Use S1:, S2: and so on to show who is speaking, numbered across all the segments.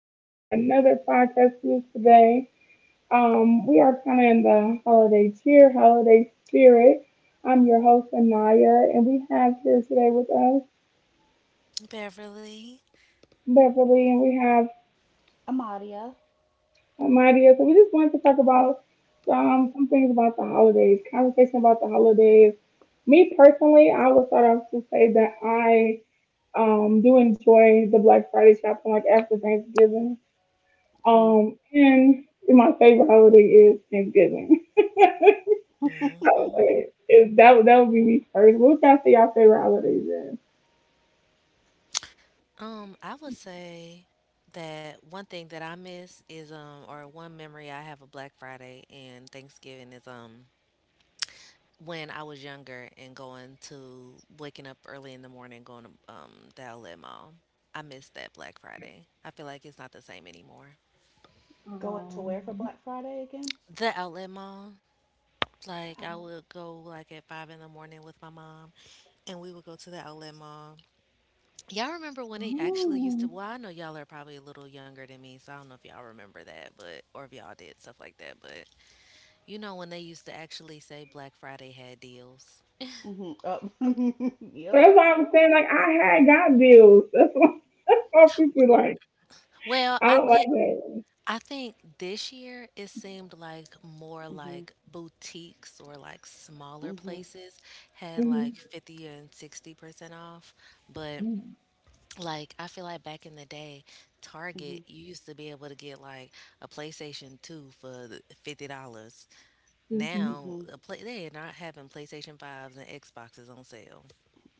S1: guys. We have another podcast for you today. We are kind of in the holiday cheer, holiday spirit. I'm your host Anaya, and we have here today with us
S2: Beverly.
S1: Beverly, and we have
S3: Amadia,
S1: Amadia. So we just wanted to talk about some things about the holidays, conversation about the holidays. Me personally, I would start off to say that I do enjoy the Black Friday shopping, like after Thanksgiving.
S3: mm,
S1: And my favorite holiday is Thanksgiving. I
S2: Hmm.
S1: would, if that would be me first. What y'all say y'all favorite holidays is?
S2: I would say that one thing that I miss is or one memory I have of Black Friday and Thanksgiving is when I was younger and going to waking up early in the morning going to the outlet mall. I miss that Black Friday. I feel like it's not the same anymore.
S3: going to
S1: Um,
S3: where for Black Friday again?
S2: The outlet mall.
S3: That I
S2: Like I
S3: want.
S2: would go like at five in the morning with my mom, and we would go to the outlet mall. Y'all remember when it actually used to,
S1: oh.
S2: well, I know y'all are probably a little younger than me, so I don't know if y'all remember that, but or if y'all did stuff like that, but you know when they used to actually say Black Friday had deals.
S3: Mm-hmm. Up. yep.
S1: That's why I'm saying like I had got bills. That's why, that's why people like,
S2: Well,
S1: I
S2: I
S1: don't like
S2: think
S1: that.
S2: I think this year it seemed like more
S3: Mm-hmm.
S2: like boutiques or like smaller
S3: Mm-hmm. Mm-hmm.
S2: places had like
S1: Hmm.
S2: 50 and 60% off, but like I feel like back in the day, Target, you used to be able to get like a PlayStation 2 for $50.
S1: Mm-hmm.
S2: Now
S3: Mm-hmm.
S2: they are not having PlayStation 5s and Xboxes on sale.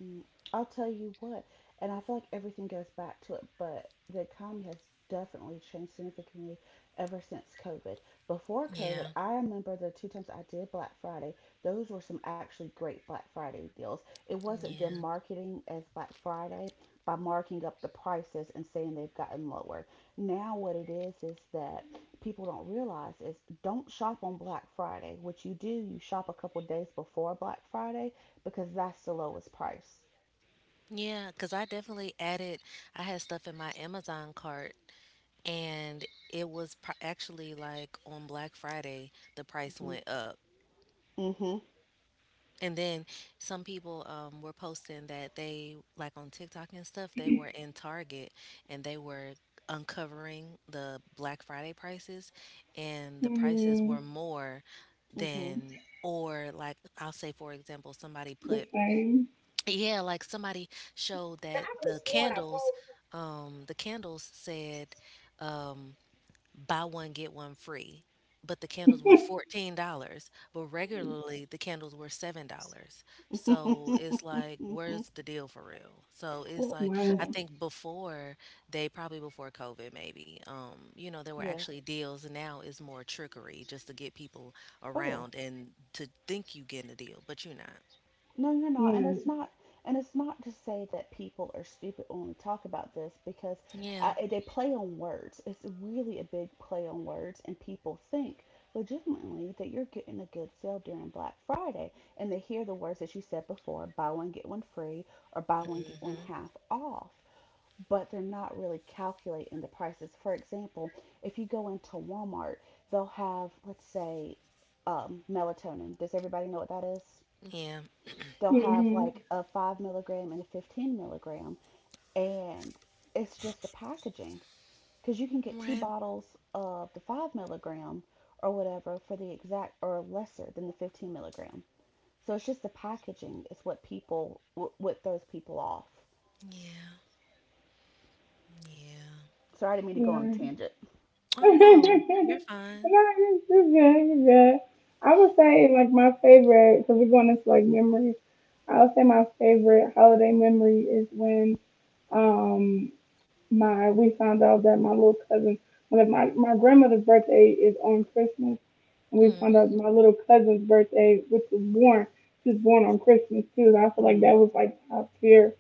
S3: Mm, I'll tell you what, and I feel like everything goes back to it, but the economy has definitely changed significantly ever since COVID. Before COVID,
S2: Yeah.
S3: I remember the two times I did Black Friday, those were some actually great Black Friday deals. It wasn't them
S2: Yeah.
S3: marketing as Black Friday by marking up the prices and saying they've gotten lower. Now, what it is that people don't realize is don't shop on Black Friday. What you do, you shop a couple days before Black Friday because that's the lowest price.
S2: Yeah, because I definitely added, I had stuff in my Amazon cart, and it was actually like on Black Friday, the price
S3: Mhm.
S2: went up.
S3: Mhm.
S2: And then some people were posting that they, like on TikTok and stuff, they were in Target, and they were uncovering the Black Friday prices, and the prices
S1: Mm,
S2: were more
S3: Mhm.
S2: than, or like I'll say, for example, somebody
S1: the
S2: put,
S1: same.
S2: yeah, like somebody showed that the candles, the candles said, um, buy one get one free, but the candles were $14, but regularly the candles were $7. So it's like,
S3: mhm.
S2: where's the deal for real? So it's
S3: Well,
S2: like,
S1: Right. Right.
S2: I
S3: yeah.
S2: think before they probably before COVID maybe, there were
S3: Yeah.
S2: actually deals. Now is more trickery just to get people
S3: Oh yeah.
S2: around and to think you getting a deal, but you're not.
S3: No, you're not. And
S1: Mm-hmm.
S3: it's not and it's not to say that people are stupid when we talk about this because
S2: Yeah.
S3: they play on words. It's really a big play on words and people think legitimately that you're getting a good sale during Black Friday and they hear the words that you said before, buy one get one free or buy one get one
S2: Hmm.
S3: half off, but they're not really calculating the prices. For example, if you go into Walmart, they'll have, let's say, melatonin. Does everybody know what that is?
S2: Yeah.
S3: They'll have like a 5 milligram and a 15 milligram, and it's just the packaging. Because you can get two
S2: Right.
S3: bottles of the 5 milligram or whatever for the exact or lesser than the 15 milligram. So it's just the packaging is what throws people off.
S2: Yeah. Yeah.
S3: Sorry, I didn't mean to go on a
S1: Right.
S3: tangent.
S2: Oh
S1: No,
S2: no, you're
S1: you
S2: fine.
S1: you good, you good. I would say like my favorite, because we're going into like memories. I would say my favorite holiday memory is when um my we found out that my little cousin, one of my grandmother's birthday is on Christmas, and we found
S2: Mm,
S1: out my little cousin's birthday, which was born, she's born on Christmas too. I feel like that
S3: Mm,
S1: was like top tier.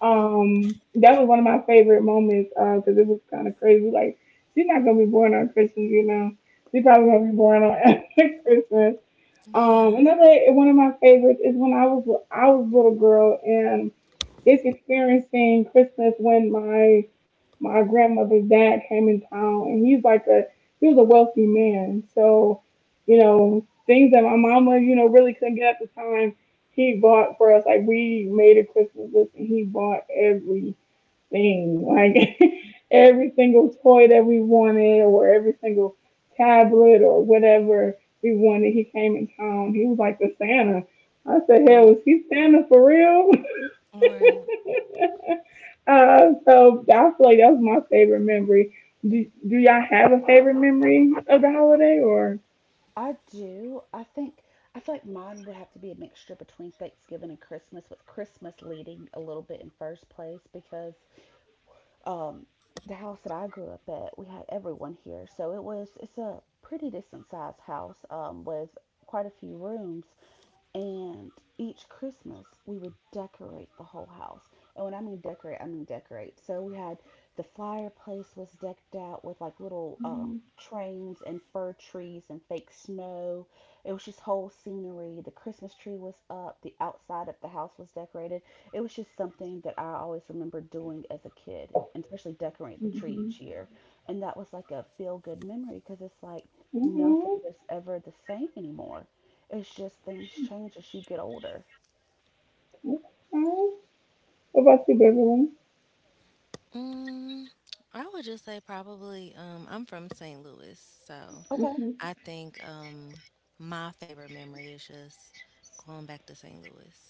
S1: That was one of my favorite moments because it was kind of crazy. Like, she's not gonna be born on Christmas, you know. She probably gonna be born on, after Christmas. Um,
S2: yeah.
S1: another one of my favorites is when I was a little girl and just experiencing Christmas when my grandmother's dad came in town, and he's like a, he was a wealthy man, so you know things that my mama you know really couldn't get at the time, he bought for us. Like we made a Christmas list, and he bought everything, like, every single toy that we wanted, or every single tablet or whatever we wanted. He came in town. He was like the Santa. I said, hell, is he Santa for real?
S2: Right.
S1: So I feel like that was my favorite memory. Do y'all have a favorite memory of the holiday or?
S3: I do. I think I feel like mine would have to be a mixture between Thanksgiving and Christmas, with Christmas leading a little bit in first place because um, the house that I grew up at, we had everyone here, so it's a pretty decent sized house with quite a few rooms, and each Christmas, we would decorate the whole house. And when I mean decorate, I mean decorate. So we had the fireplace was decked out with like little
S1: Mhm,
S3: trains and fir trees and fake snow. It was just whole scenery. The Christmas tree was up. The outside of the house was decorated. It was just something that I always remember doing as a kid, and especially decorating the tree each
S1: mhm.
S3: year. And that was like a feel good memory because it's like
S1: Mhm.
S3: nothing is ever the same anymore. It's just things change as you get older.
S1: Okay. What about you, Beverly?
S2: Mm, I would just say probably I'm from St. Louis, so
S3: Okay.
S1: Mhm.
S2: I think my favorite memory is just going back to St. Louis.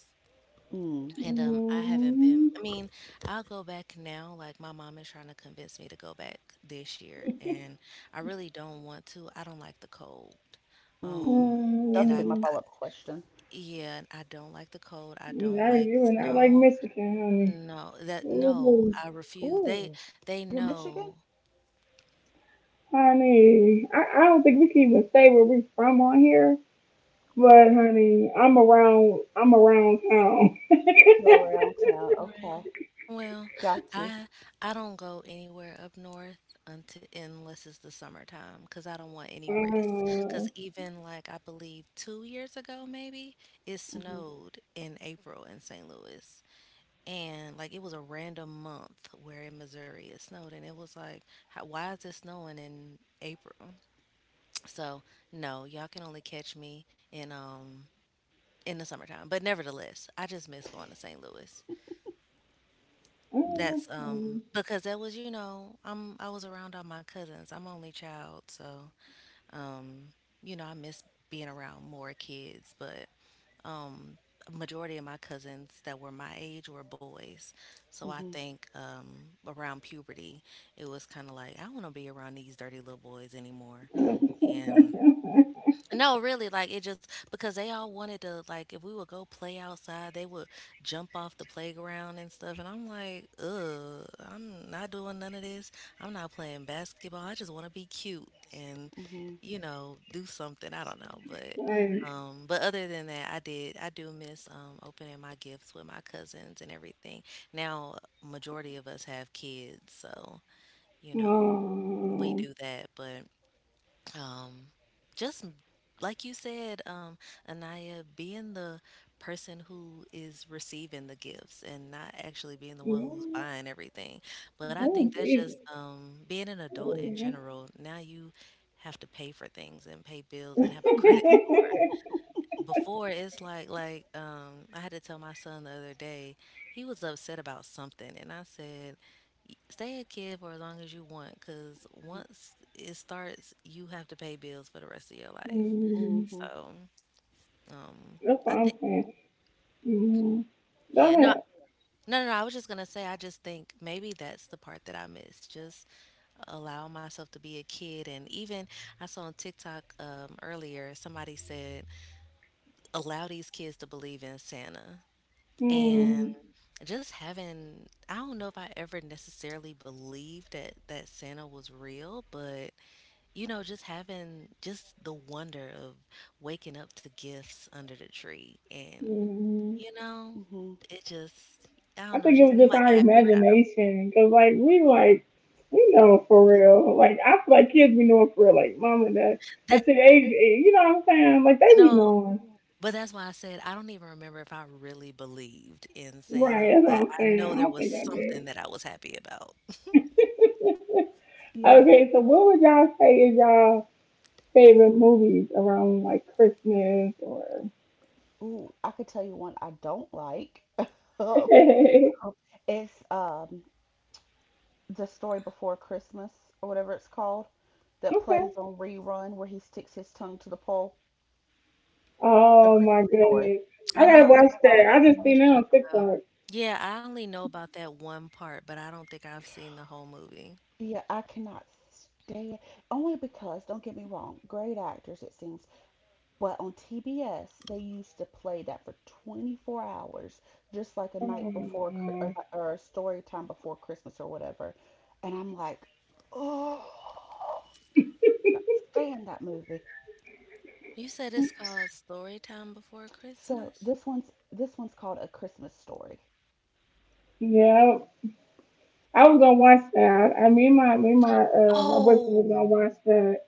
S3: Mm.
S2: And I haven't been,
S1: Mm,
S2: I mean, I'll go back now, like my mom is trying to convince me to go back this year, and I really don't want to. I don't like the cold.
S3: Mm.
S2: Um and
S3: That's gonna
S2: I
S3: be my
S1: mm,
S3: follow-up question.
S2: Yeah, and I don't like the cold. I don't
S1: I,
S2: like
S1: you are not like
S2: snow.
S1: Michigan, honey.
S2: No, that no,
S1: Ooh,
S2: I refuse. They
S3: Ooh,
S2: they
S3: you're Michigan?
S2: know.
S1: honey, I don't think we can even say where we from on here. But honey, I'm around. I'm around town.
S3: You're around town.
S2: Right.
S3: Okay.
S2: Well,
S3: Got you.
S2: I I don't go anywhere up north until unless it's the summertime because I don't want any risk.
S1: uh,
S2: Because even like I believe 2 years ago maybe it
S3: Mhm.
S2: snowed in April in St. Louis, and like it was a random month where in Missouri it snowed, and it was like, how, why is it snowing in April? So no, y'all can only catch me in um in the summertime. But nevertheless, I just miss going to St. Louis.
S3: Mhm.
S2: That's
S1: Um,
S2: because that was, you know, I was around all my cousins. I'm only child, so um, you know, I miss being around more kids, but um a majority of my cousins that were my age were boys. So I
S3: Mhm.
S2: think around puberty, it was kind of like I don't want to be around these dirty little boys anymore. No, really, like it just because they all wanted to like if we would go play outside, they would jump off the playground and stuff. And I'm like, ugh, I'm not doing none of this. I'm not playing basketball. I just want to be cute and,
S3: Mhm.
S2: you know, do something. I don't know, but other than that, I do miss opening my gifts with my cousins and everything. Now, majority of us have kids, so you know we do that, but um just like you said Anaya, being the person who is receiving the gifts and not actually being the one who's buying everything, but I think
S1: oh,
S3: Mhm.
S2: that's just
S1: Jesus.
S2: being an adult
S1: Oh,
S2: in
S1: yeah.
S2: general. Now you have to pay for things and pay bills and have a credit score before. It's like I had to tell my son the other day, he was upset about something, and I said, Stay a kid for as long as you want, cuz
S3: Mhm.
S2: once it starts you have to pay bills for the rest of your life."
S1: Mm,
S3: Mhm.
S2: So, um
S1: that's what
S2: I
S1: I'm
S2: think,
S1: saying. Mm,
S2: yeah,
S1: go
S2: no,
S1: ahead.
S2: no, I was just going to say I just think maybe that's the part that I miss. Just allow myself to be a kid. And even I saw on TikTok earlier, somebody said allow these kids to believe in Santa.
S3: Mhm.
S2: And
S1: Mm,
S2: just having, I don't know if I ever necessarily believed that Santa was real, but you know, just having just the wonder of waking up to gifts under the tree and,
S1: mm.
S2: you know,
S3: Mhm.
S2: it just, I don't
S1: I
S2: know, it
S1: think it
S2: just
S1: was
S2: seemed
S1: just
S2: like a
S1: our
S2: happier time.
S1: imagination, cause like we know for real. Like I feel like kids be knowing for real. Like mom and dad
S2: That
S1: at the age, you know what I'm saying? Like they be
S2: No,
S1: knowing,
S2: but that's why I said I don't even remember if I really believed in Santa,
S1: right? That's
S2: but
S1: what I'm
S2: I
S1: saying.
S2: know
S1: I
S2: there
S1: don't
S2: was
S1: think
S2: something that I was happy about.
S1: I did.
S3: Yeah.
S1: Okay, so what would y'all say is y'all favorite movies around like Christmas or?
S3: Ooh, I could tell you one I don't like.
S1: Okay.
S3: It's the story before Christmas or whatever it's called that plays on rerun where he sticks his tongue to the pole. A
S1: Oh my
S3: Christmas Story.
S1: goodness,
S2: I
S1: I
S3: Is
S1: gotta
S3: that
S2: know
S3: what it's
S1: watch
S3: called?
S1: that. I just
S2: what
S1: seen
S2: you're
S1: it
S2: talking
S1: on
S2: about.
S1: TikTok.
S2: Yeah, I only know about that one part, but I don't think I've seen the whole movie.
S3: Yeah, I cannot stand, only because don't get me wrong, great actors it seems, but on TBS they used to play that for 24 hours, just like a
S1: Oh
S3: night before Chri-
S1: no.
S3: or a story time before Christmas or whatever, and I'm like, oh, cannot stand that movie.
S2: You said it's called Storytime Before
S3: So
S2: Christmas?
S3: this one's called A Christmas Story.
S1: Yeah, I was gonna watch that. I mean, my me and my my boyfriend was gonna
S2: Oh,
S1: watch that,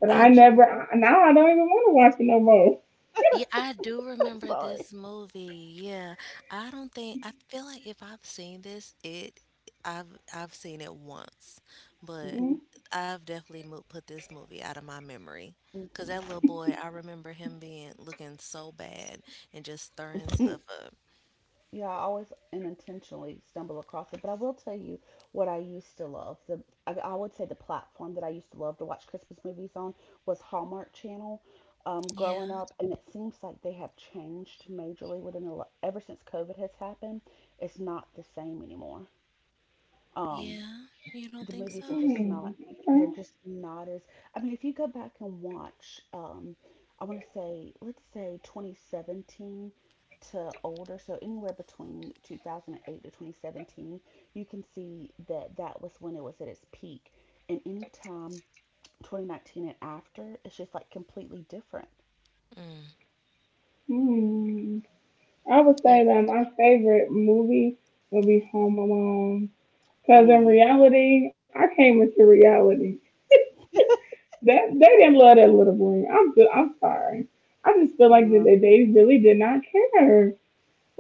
S1: but
S2: I
S1: I
S2: d
S3: Mhm.
S1: never. I- Now I don't even want to watch it no more.
S2: Yeah, I do
S3: I'm
S2: remember this
S3: sorry.
S2: movie. Yeah, I don't think, I feel like if I've seen this, it, I've seen it once, but
S3: Mhm.
S1: Okay.
S2: I've definitely mo put this movie out of my memory. 'Cause
S3: Mhm.
S2: that little boy, I remember him being looking so bad and just stirring stuff up.
S3: Yeah, I always unintentionally stumble across it, but I will tell you what I used to love. I would say the platform that I used to love to watch Christmas movies on was Hallmark Channel.
S2: Yeah.
S3: Growing up, and it seems like they have changed majorly within ever since COVID has happened. It's not the same anymore. Um,
S2: Yeah, you don't
S3: the
S2: think
S3: movies are
S2: so?
S3: just not
S1: Okay.
S3: they're just not as, I mean if you go back and watch I want to say let's say 2017 to older, so anywhere between 2008 to 2017 you can see that that was when it was at its peak, and anytime 2019 and after it's just like completely different.
S2: Mm,
S1: Hmm. I would
S2: yeah.
S1: say that my favorite movie would be Home Alone. Cause in
S3: Mm.
S1: reality, I came into reality. That they didn't love that little boy. I'm so- I'm sorry. I just feel like that
S3: no
S1: they really did not care.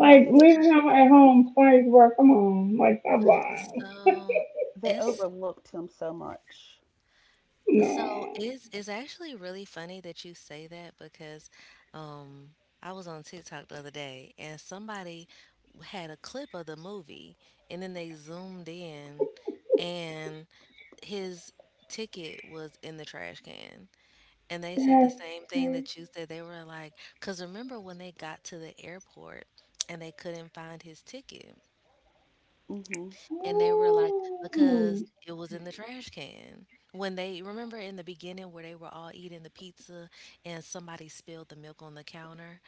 S3: no I think they
S1: leaving him at
S3: overlooked him,
S1: home twice, bro. Come on, like stop lying.
S2: So
S3: they
S2: it's
S3: overlooked him so much.
S2: so
S1: No,
S2: it's actually really funny that you say that because um I was on TikTok the other day, and somebody had a clip of the movie, and then they zoomed in, and his ticket was in the trash can. And they said the
S1: that's
S2: same thing
S1: crazy.
S2: that you said. They were like, because remember when they got to the airport and they couldn't find his ticket?
S3: Mhm
S2: And they were like, "Because
S1: Mm.
S2: it was in the trash can." When they, remember in the beginning where they were all eating the pizza, and somebody spilled the milk on the counter,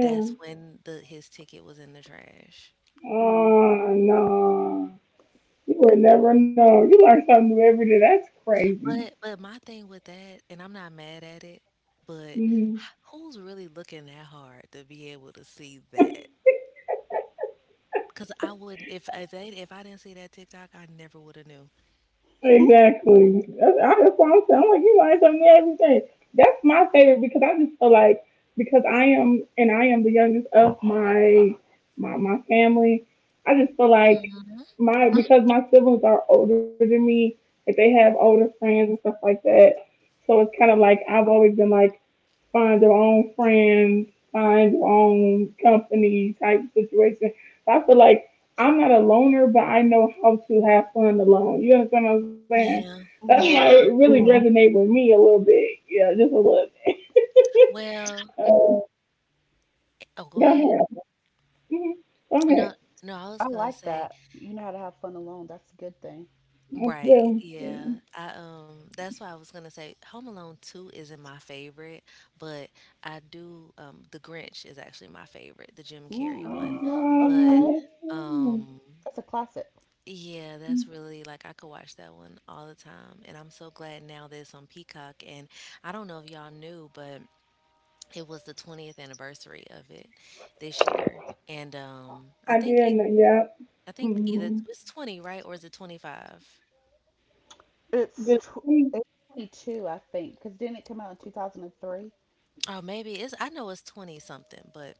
S2: that's when the his ticket was in the trash.
S3: mhm
S1: Oh no, you would never know. You learn something new every day. That's crazy.
S2: But my thing with that, and I'm not mad at it, but
S1: Mm-hmm.
S2: who's really looking that hard to be able to see that? Because I wouldn't, if I didn't see that TikTok, I never would have knew.
S1: Exactly. That's, I, that's what I'm saying. I'm like, you learn something every day. That's my favorite because I just feel like because I am and I am the youngest of my family. I just feel like
S2: Hmm.
S1: my because my siblings are older than me, that they have older friends and stuff like that. So it's kind of like I've always been like find their own friends, find their own company type situation. So I feel like I'm not a loner, but I know how to have fun alone. You understand what I'm saying?
S2: Yeah.
S1: That's why, yeah,
S3: mhm
S1: it really, yeah, resonated with me a little bit. Yeah, just a little bit.
S2: Well,
S1: Uh,
S2: oh, go
S1: go
S2: ahead.
S1: ahead. Mhm. Go
S2: No,
S1: ahead.
S2: no, I was
S3: I
S2: gonna
S3: like
S2: say.
S3: that. You know how to have fun alone. That's a good thing.
S1: I
S2: Right,
S1: do. Yeah.
S2: yeah. I That's why I was gonna say Home Alone 2 isn't my favorite, but I do The Grinch is actually my favorite, the Jim Carrey
S3: Mm,
S2: one. But
S3: okay.
S1: Let's see.
S2: um
S3: That's a classic.
S2: yeah, that's really like I could watch that one all the time. And I'm so glad now that it's on Peacock, and I don't know if y'all knew, but it was the 20th anniversary of it this year. And I
S1: I
S2: think
S1: did. Know- Yep.
S2: I think either
S1: Hmm.
S2: it's 20, right? Or is it 25?
S1: Just
S3: It's tw it's 22, I think, because didn't it come out in 2003?
S2: Oh, maybe it's, I know it's 20 something, but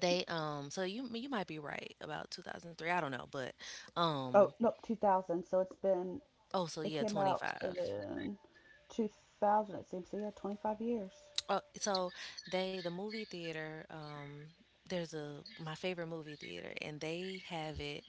S2: they so you might be right about 2003. I don't know, but
S3: Oh,
S2: um
S3: no, 2000. So it's been,
S2: oh so
S3: it
S2: yeah,
S3: came out
S2: 25.
S3: in 2000, it seems. So yeah, 25 years.
S2: Oh, so they, the movie theater there's a, my favorite movie theater, and they have it,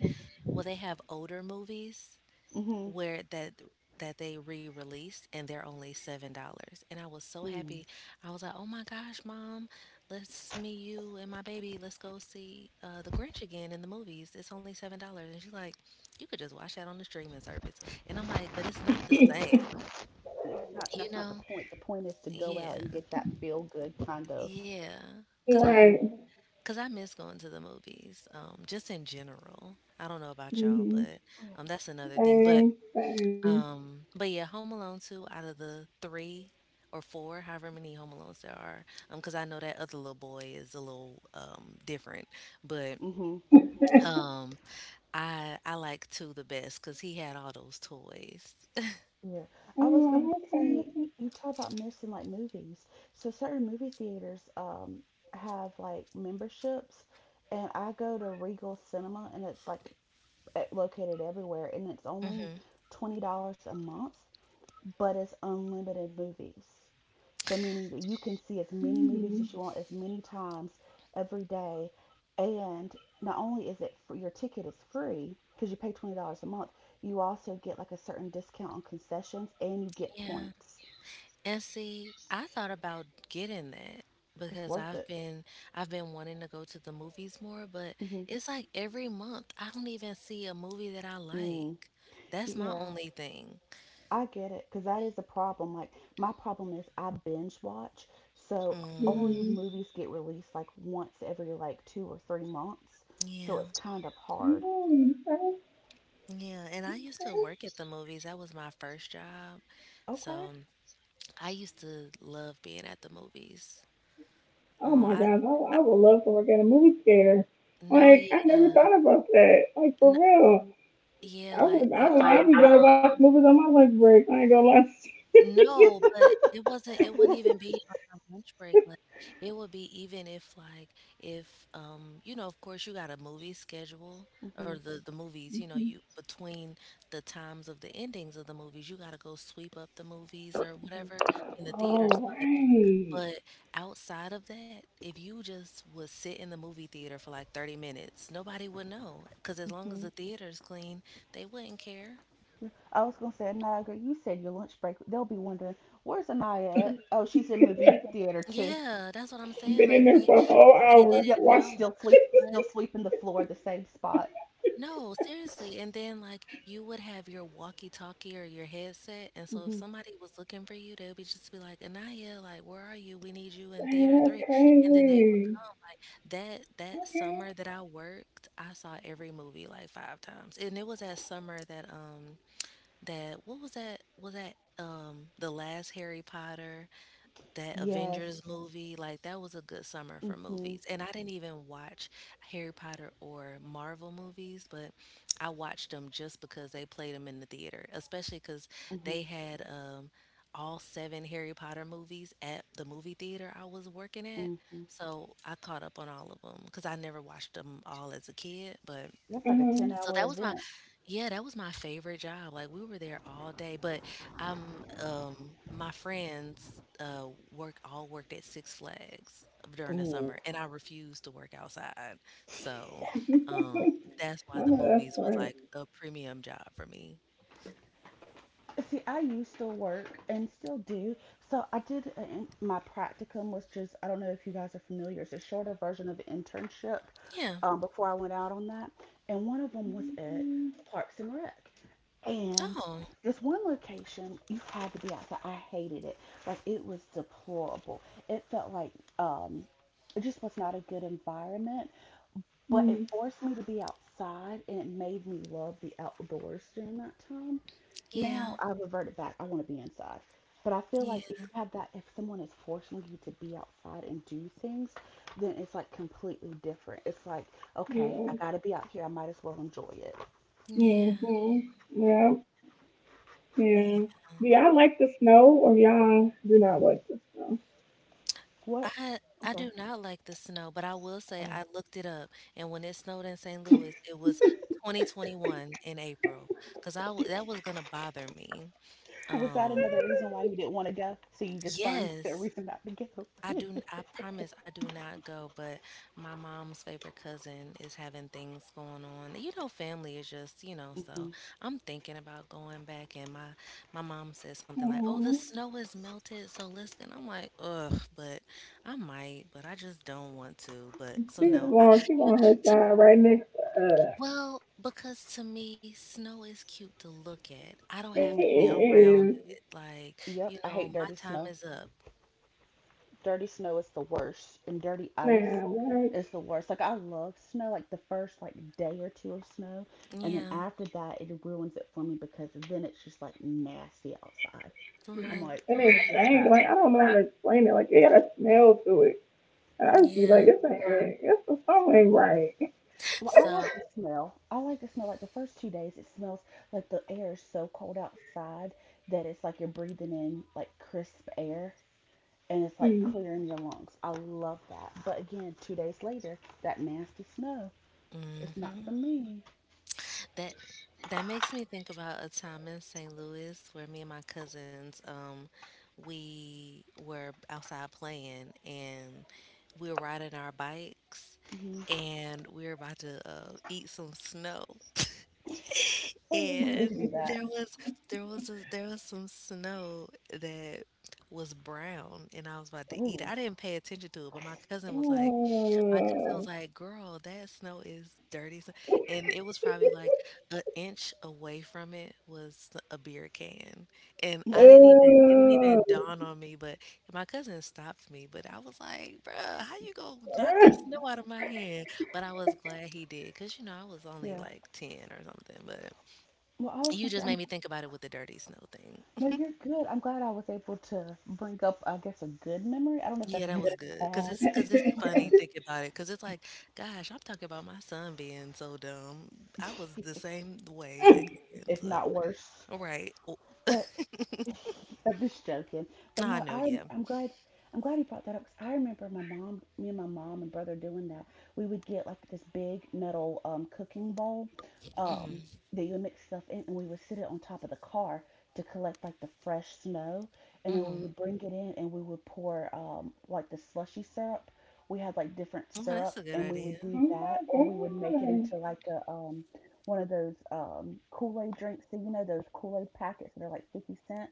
S2: well they have older movies
S3: Mm-hmm.
S2: where that they re-released, and they're only $7. And I was so
S3: Mm.
S2: happy. I was like, oh my gosh, Mom, let's, me, you, and my baby, let's go see The Grinch again. In the movies, it's only $7. And she's like, you could just watch that on the streaming service. And I'm like, but it's not the same.
S3: It's not,
S2: You
S3: that's not the
S2: know?
S3: point. The point is to go out and
S2: Yeah.
S3: get that feel good kind of.
S2: Yeah. because i
S3: Mm-hmm.
S1: right.
S2: because I miss going to the movies just in general. I don't know about y'all,
S1: Hmm.
S2: but
S3: Oh, yeah.
S2: that's another thing. but
S1: Same. Same.
S2: Um, but yeah, Home Alone 2 out of the three or four, however many Home Alones there are, because I know that other little boy is a little different, but
S3: Mm-hmm.
S2: um, I like two the best because he had all those toys.
S3: Yeah, I was gonna say
S1: Okay.
S3: you talk about missing like movies. So certain movie theaters have like memberships, and I go to Regal Cinema, and it's like located everywhere, and it's only
S2: Mm-hmm.
S3: $20 a month but it's unlimited movies. So meaning that you can see as many movies
S1: Mm-hmm.
S3: as you want, as many times every day, and not only is it free, your ticket is free because you pay $20 a month, you also get like a certain discount on concessions and you get
S2: Yeah.
S3: points.
S2: And see, I thought about getting that
S3: It's
S2: because
S3: worth it.
S2: I've been wanting to go to the movies more, but
S3: Hmm
S2: it's like every month I don't even see a movie that I
S3: Mm.
S2: like. That's my
S3: Yeah,
S2: only thing.
S3: I get it because that is a problem. Like my problem is I binge watch, so only
S2: Mm,
S1: Mm-hmm.
S3: movies get released like once every like 2 or 3 months. So
S2: yeah.
S3: it's kind of hard.
S1: Oh, okay.
S2: Yeah, and I used to work at the movies. That was my first job.
S3: Okay.
S2: So I used to love being at the movies.
S1: Oh
S2: Um,
S1: my
S2: I,
S1: gosh, I,
S2: I
S1: I would love to work at a movie theater.
S2: No,
S1: Like I never
S2: yeah,
S1: thought about that. Like for
S2: n
S1: real,
S2: yeah, like I
S1: I'd be gonna watch movies on my lunch break. I ain't gonna lie.
S2: no, but it wasn't. It wouldn't even be on my lunch break. Like it would be even if you know, of course you got a movie schedule or
S3: hmm
S2: the movies. You know, you between the times of the endings of the movies, you got to go sweep up the movies or
S3: hmm
S2: whatever. I mean the theaters,
S1: All
S2: but
S1: right,
S2: But outside of that, if you just would sit in the movie theater for like 30 minutes, nobody would know, because as long as
S3: hmm
S2: the theater is clean, they wouldn't care.
S3: I was gonna say, Anaya, you said your lunch break. They'll be wondering where's Anaya at. Oh, she's in movie theater too.
S2: Yeah, that's what I'm saying.
S1: been in
S2: Like
S1: there
S2: they
S1: for a whole
S2: they
S1: hour.
S3: Yep,
S2: didn't
S1: Watch.
S2: know.
S3: still sleep, still
S2: But
S3: sweeping the floor, the same spot.
S2: no, seriously. And then like you would have your walkie-talkie or your headset, and so if
S3: Hmm
S2: somebody was looking for you, they would be just be like, "Anaya, like where are you? We need you in theater
S1: Dang, that's
S2: three." And then they
S1: crazy.
S2: That
S1: Okay.
S2: summer that I worked, I saw every movie like five times. And it was that summer that that what was that the last Harry Potter, that
S3: Yes.
S2: Avengers movie, like, that was a good summer for
S3: hmm
S2: movies, and I didn't even watch Harry Potter or Marvel movies, but I watched them just because they played them in the theater, especially because
S3: hmm
S2: they had all seven Harry Potter movies at the movie theater I was working at.
S3: hmm
S2: So I caught up on all of them because I never watched them all as a kid. But
S3: That's
S1: Uh
S3: like a
S1: huh.
S2: so
S3: ten-hour
S2: that was my,
S3: event.
S2: yeah, that was my favorite job. Like, we were there all day, but um um my friends work all worked at Six Flags during the
S3: Ooh.
S2: summer, and I refused to work outside. So um that's why
S1: I
S2: the
S1: know that's
S2: movies was
S1: right.
S2: like a premium job for me.
S3: See, I used to work and still do. So my practicum was just, I don't know if you guys are familiar. It's a shorter version of internship
S2: Yeah.
S3: before I went out on that. And one of them was at Parks and Rec. And
S2: Oh,
S3: this one location, you had to be outside. I hated it. Like it was deplorable. It felt like um, it just was not a good environment, but it
S1: Mm,
S3: forced me to be outside and it made me love the outdoors during that time.
S2: yeah.
S3: Now I reverted back. I want to be inside. But I feel like
S2: Yeah.
S3: if you have that, if someone is forcing you to be outside and do things, then it's like completely different. It's like, okay,
S1: yeah.
S3: I got to be out here. I might as well enjoy it.
S2: Yeah.
S1: Mm-hmm. Yeah. Yeah. Do y'all like the snow or y'all do not like the snow?
S3: What?
S2: I
S3: I'm
S2: I
S3: sorry.
S2: do not like the snow, but I will say
S3: Oh,
S2: I looked it up, and when it snowed in St. Louis, it was 2021 in April, because I that was gonna bother me.
S3: was that another
S2: Um,
S3: reason why you didn't want to go? So you just find a
S2: yes,
S3: reason not to go?
S2: I do. I promise I do not go, but my mom's favorite cousin is having things going on. You know, family is just, you know, so
S3: hmm
S2: I'm thinking about going back, and my mom said something like, "Oh,
S1: Aw,
S2: the snow is melted, so let's go." And I'm like, "Ugh, but I might, but I just don't want to." But so
S1: she just
S2: no,
S3: Yeah.
S2: I
S1: going, she
S2: you
S1: going her
S2: to
S1: side right next to us.
S2: well, because to me, snow is cute to look at. I don't have to be
S3: hmm
S1: It
S2: around
S1: is,
S2: it. Like, you
S3: Yep. I
S2: know,
S3: hate
S2: my
S3: dirty
S2: time
S3: snow.
S2: is up.
S3: Dirty snow is the worst, and dirty ice
S1: man, what?
S3: is the worst. Like I love snow, like the first like day or two of snow, and then
S2: Yeah,
S3: after that it ruins it for me because then it's just like nasty outside. I'm
S2: right.
S3: like,
S1: And it
S3: take this
S1: stank.
S3: back.
S1: Like, I don't know how to explain it. Like, it got a smell to it. And I just be
S2: Yeah.
S1: like, this ain't right. This the song ain't right.
S3: Well, I
S2: So,
S3: like the smell. I like the smell. Like the first 2 days, it smells like the air is so cold outside that it's like you're breathing in like crisp air and it's like clearing your lungs. I love that. But again, 2 days later, that nasty snow, it's not
S2: mhm.
S3: for me.
S2: That that makes me think about a time in St. Louis where me and my cousins, we were outside playing and we were riding our bikes,
S3: Mhm.
S2: and we were about to eat some snow.
S3: Oh, we used to
S2: And
S3: do that.
S2: there was there was some snow that was brown, and I was about to eat
S3: Oh,
S2: it. I didn't pay attention to it, but my cousin was
S1: Mm.
S2: like, "Girl, that snow is dirty," s and it was probably like an inch away from it was a beer can, and I didn't even it didn't even
S1: Ugh.
S2: dawn on me, but my cousin stopped me. But I was like, "Bruh, how you gonna knock that
S1: Ugh.
S2: snow out of my hand?" But I was glad he did, cause you know, I was only
S3: yeah.
S2: like 10 or something. But
S3: Well, I was
S2: you
S3: gonna say,
S2: just made
S3: I'm
S2: me think about it with the dirty snow thing.
S3: no, you're good. I'm glad I was able to bring up, I guess, a good memory. I don't know if
S2: Yeah,
S3: that's
S2: that was
S3: good
S2: good. Cause
S3: or
S2: it's
S3: bad,
S2: funny thinking about it. Cause it's like, gosh, I'm talking about my son being so dumb. I was the same way back then,
S3: if
S2: so
S3: not worse.
S2: all right. Oh,
S3: But I'm just joking. But no,
S2: I know,
S3: I
S2: yeah.
S3: I'm glad I'm glad he brought that up because I remember my mom, me and my mom and brother doing that. We would get like this big metal cooking bowl um,
S2: Mhm,
S3: that you would mix stuff in, and we would sit it on top of the car to collect like the fresh snow, and then we would
S2: mhm.
S3: bring it in and we would pour, like the slushy syrup. We had like different
S2: Oh, that's
S3: syrup,
S2: a good
S3: and we would
S2: idea.
S3: do
S1: Oh
S3: that,
S1: my
S3: or we would make it into
S1: god.
S3: like a one of those Kool Aid drinks. So you know those Kool Aid packets that are like 50 cent.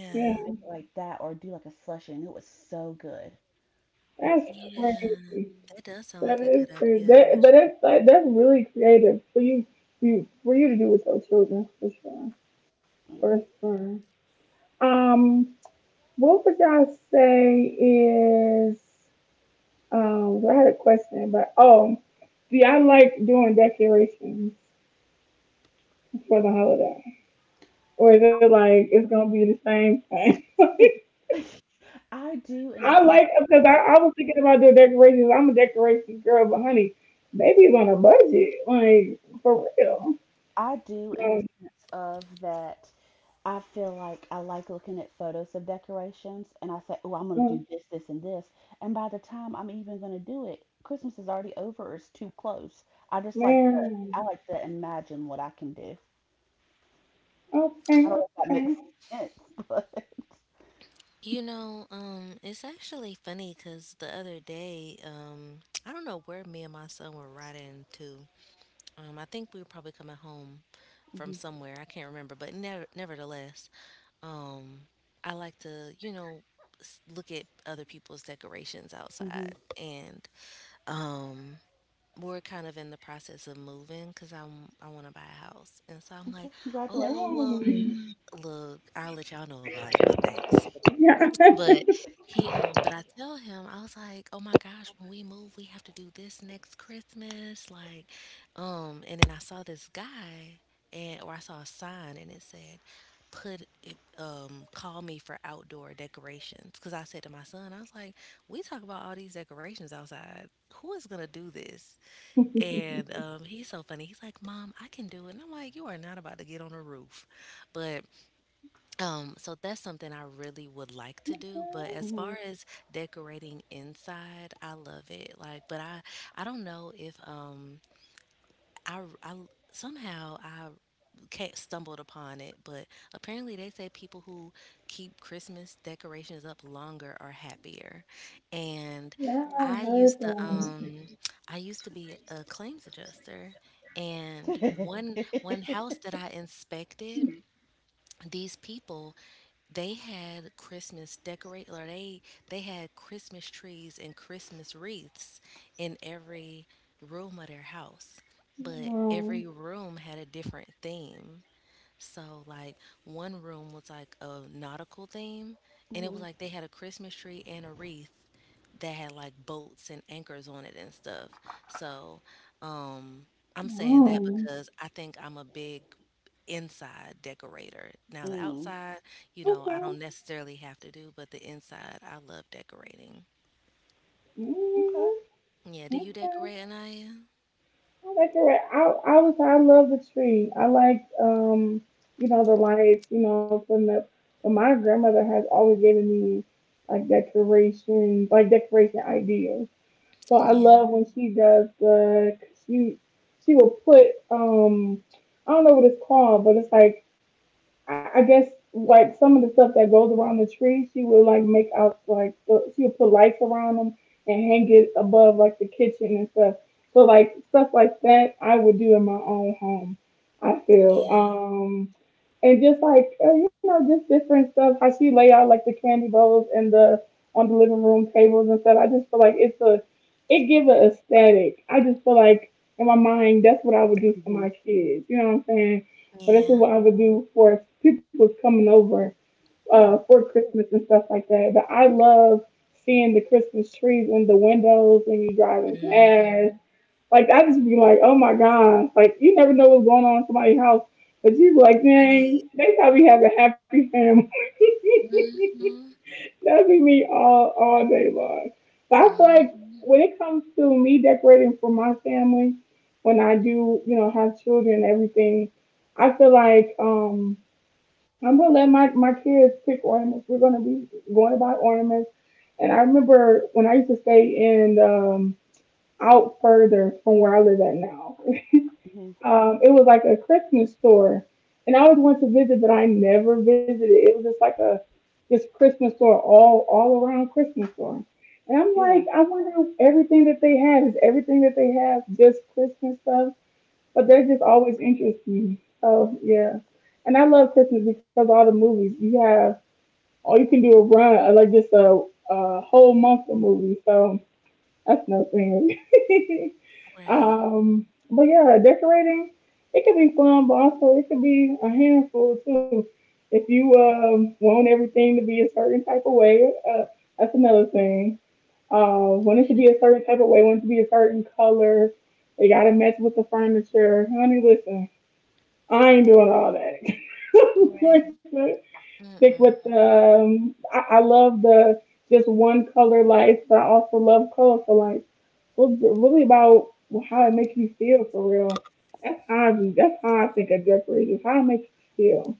S1: Yeah,
S3: Make it like that, or do like a slushie. And it was so good. It was
S1: that's
S2: Yeah.
S1: crazy.
S2: That does sound
S1: That
S2: like a
S1: is
S2: good
S1: crazy.
S2: idea,
S1: That, but
S2: act
S1: that's like, that's really creative for you, for you to do with your children for sure. For
S3: fresh.
S1: sure. Um, what would y'all say is um? I had a question, but oh, do y'all like doing decorations for the holiday, or is it like it's gonna be the same thing?
S3: Yeah. I do in a
S1: I
S3: sense.
S1: like because I,
S3: of-
S1: I was thinking about doing decorations. I'm a decorations girl, but honey, maybe it's on a budget, like for real.
S3: I do in a sense of that. I feel like I like looking at photos of decorations, and I say, "Oh, I'm gonna do
S1: Um,
S3: this, this, and this." And by the time I'm even gonna do it, Christmas is already over, or it's too close. I just like to. I
S1: Man.
S3: like to imagine what I can do. I
S1: Okay,
S3: don't know if that
S1: okay.
S3: makes sense, but
S2: you know, it's actually funny cause the other day, I don't know where me and my son were riding to. I think we were probably coming home from
S3: hmm
S2: somewhere. I can't remember, but never, nevertheless, um, I like to, you know, look at other people's decorations
S3: hmm
S2: outside. And um, we're kind of in the process of moving because I want to buy a house, and so I'm like,
S3: okay.
S2: oh
S1: Yum.
S3: Congratulations.
S2: well, look, I'll let y'all know about it, but thanks.
S1: Yeah.
S2: But I tell him, I was like, oh my gosh, when we move, we have to do this next Christmas. Like, and then I saw this guy and, or I saw a sign, and it said, call me for outdoor decorations. Cause I said to my son, I was like, we talk about all these decorations outside. Who is gonna do this?
S1: Yeah,
S2: And, he's so funny. He's like, mom, I can do it. And I'm like, you are not about to get on a roof. But so that's something I really would like to do. But as far
S3: Hmm
S2: as decorating inside, I love it. Like, but I don't know if I r- I l- somehow I ca stumbled upon it, but apparently they say people who keep Christmas decorations up longer are happier. And
S1: I
S2: I used
S1: heard
S2: to
S1: that.
S2: um I used to be a claims adjuster, and one
S3: hmm
S2: one house that I inspected, these people, they had christmas decorate or they had Christmas trees and Christmas wreaths in every room of their house, but
S1: Oh.
S2: every room had a different theme. So like one room was like a nautical theme, and it was like they had a Christmas tree and a wreath that had like boats and anchors on it and stuff. So um I'm saying that
S1: Oh.
S2: because I think I'm a big inside decorator. Now the
S3: mm
S2: outside, you know, I
S1: Okay.
S2: don't necessarily have to do, but the inside, I love decorating.
S3: Okay.
S1: Mm,
S2: Yeah, do
S1: okay.
S2: you
S1: I
S2: decorate, Anaya?
S1: like it. Right. I was, I love the tree. I like, you know, the lights, you know, from the, but my grandmother has always given me like decoration ideas. So I
S2: Yeah,
S1: love when she does the she she will put I don't know what it's called, but it's like I guess like some of the stuff that goes around the tree, she will like make out like the, she will put lights around them and hang it above like the kitchen and stuff. So like stuff like that, I would do in my own home. I feel
S2: yeah,
S1: and just like you know, just different stuff. How she lay out like the candy bowls and the on the living room tables and stuff. I just feel like it's a it gives an aesthetic. I just feel like in my mind that's what I would do for
S3: hmm
S1: my kids. You know what I'm saying? But this is
S2: yeah.
S1: what I would do for people coming over
S3: Yeah.
S1: for Christmas and stuff like that. But I love seeing the Christmas trees in the windows when you are driving past,
S2: Mm-hmm.
S1: like I just be like, oh my god, like you never know what's going on in somebody's house. But you be like, dang,
S2: Right.
S1: they probably have a happy family.
S2: Mm-hmm.
S1: That'd be me all day long. But I feel like
S2: Mm-hmm.
S1: when it comes to me decorating for my family, when I do, you know, have children and everything, I feel like I'm gonna let my kids pick ornaments. We're gonna be going to buy ornaments. And I remember when I used to stay in out further from where I live at now,
S3: hmm
S1: it was like a Christmas store, and I always wanted to visit, but I never visited. It was just like a this Christmas store, all around Christmas store. And I'm
S3: Yeah.
S1: like, I wonder if everything that they have is everything that they have just Christmas stuff, but they're just always interesting. Me. So yeah, and I love Christmas because all the movies you have, all you can do a run of like just a whole month of movies. So that's nothing.
S2: Right.
S1: But yeah, decorating, it could be fun, but also it could be a handful too. If you want everything to be a certain type of way, that's another thing. Want it to be a certain type of way, want it to be a certain color. It gotta match with the furniture. Honey, listen, I ain't doing all that.
S2: Right.
S1: Stick with
S2: Mm-mm.
S1: um. I love the just one color lights, but I also love colorful lights, was really about how it makes you feel for real. That's how I, that's how I think of drug is how it makes you feel.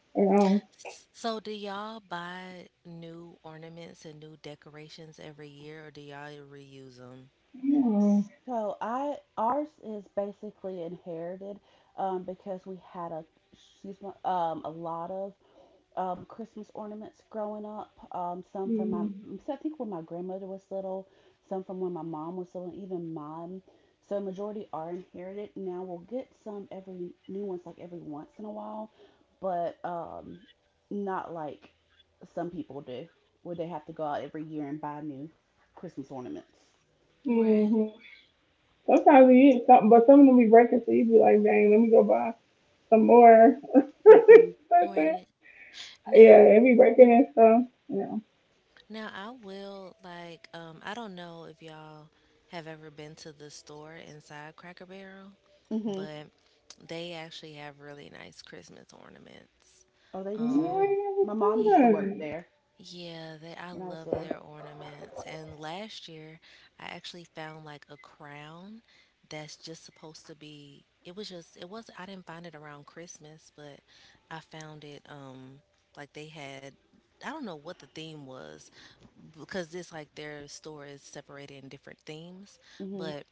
S1: You know.
S2: So, do y'all buy new ornaments and new decorations every year, or do y'all reuse them?
S1: Oh.
S3: So I ours is basically inherited, because we had a, excuse me, a lot of Christmas ornaments growing up. So I think when my grandmother was little, some from when my mom was little, even mine. So majority are inherited. Now we'll get some every new ones like every once in a while, but not like some people do, where they have to go out every year and buy new Christmas ornaments.
S2: Right.
S1: Mm-hmm. Sometimes you eat something, but some of them be breaking, so you be like, dang, let me go buy some more. Yeah,
S3: Mhm.
S2: Right.
S1: it
S2: Now,
S1: be breaking and stuff. You know.
S2: Now I will like I don't know if y'all have ever been to the store inside Cracker Barrel,
S3: Mhm.
S2: but they actually have really nice Christmas ornaments.
S3: Oh, they
S2: Um,
S1: No, I
S3: do.
S2: Mhm.
S1: never
S3: My
S1: saw
S3: mom used
S2: ye-
S3: to work
S1: that.
S3: there
S2: yeah, they I
S3: when I was
S2: love
S3: little.
S2: their ornaments. And last year, I actually found like a crown that's just supposed to be it was just it was I didn't find it around Christmas, but I found it like they had, I don't know what the theme was, because this like their store is separated in different themes,
S3: Mhm.
S2: but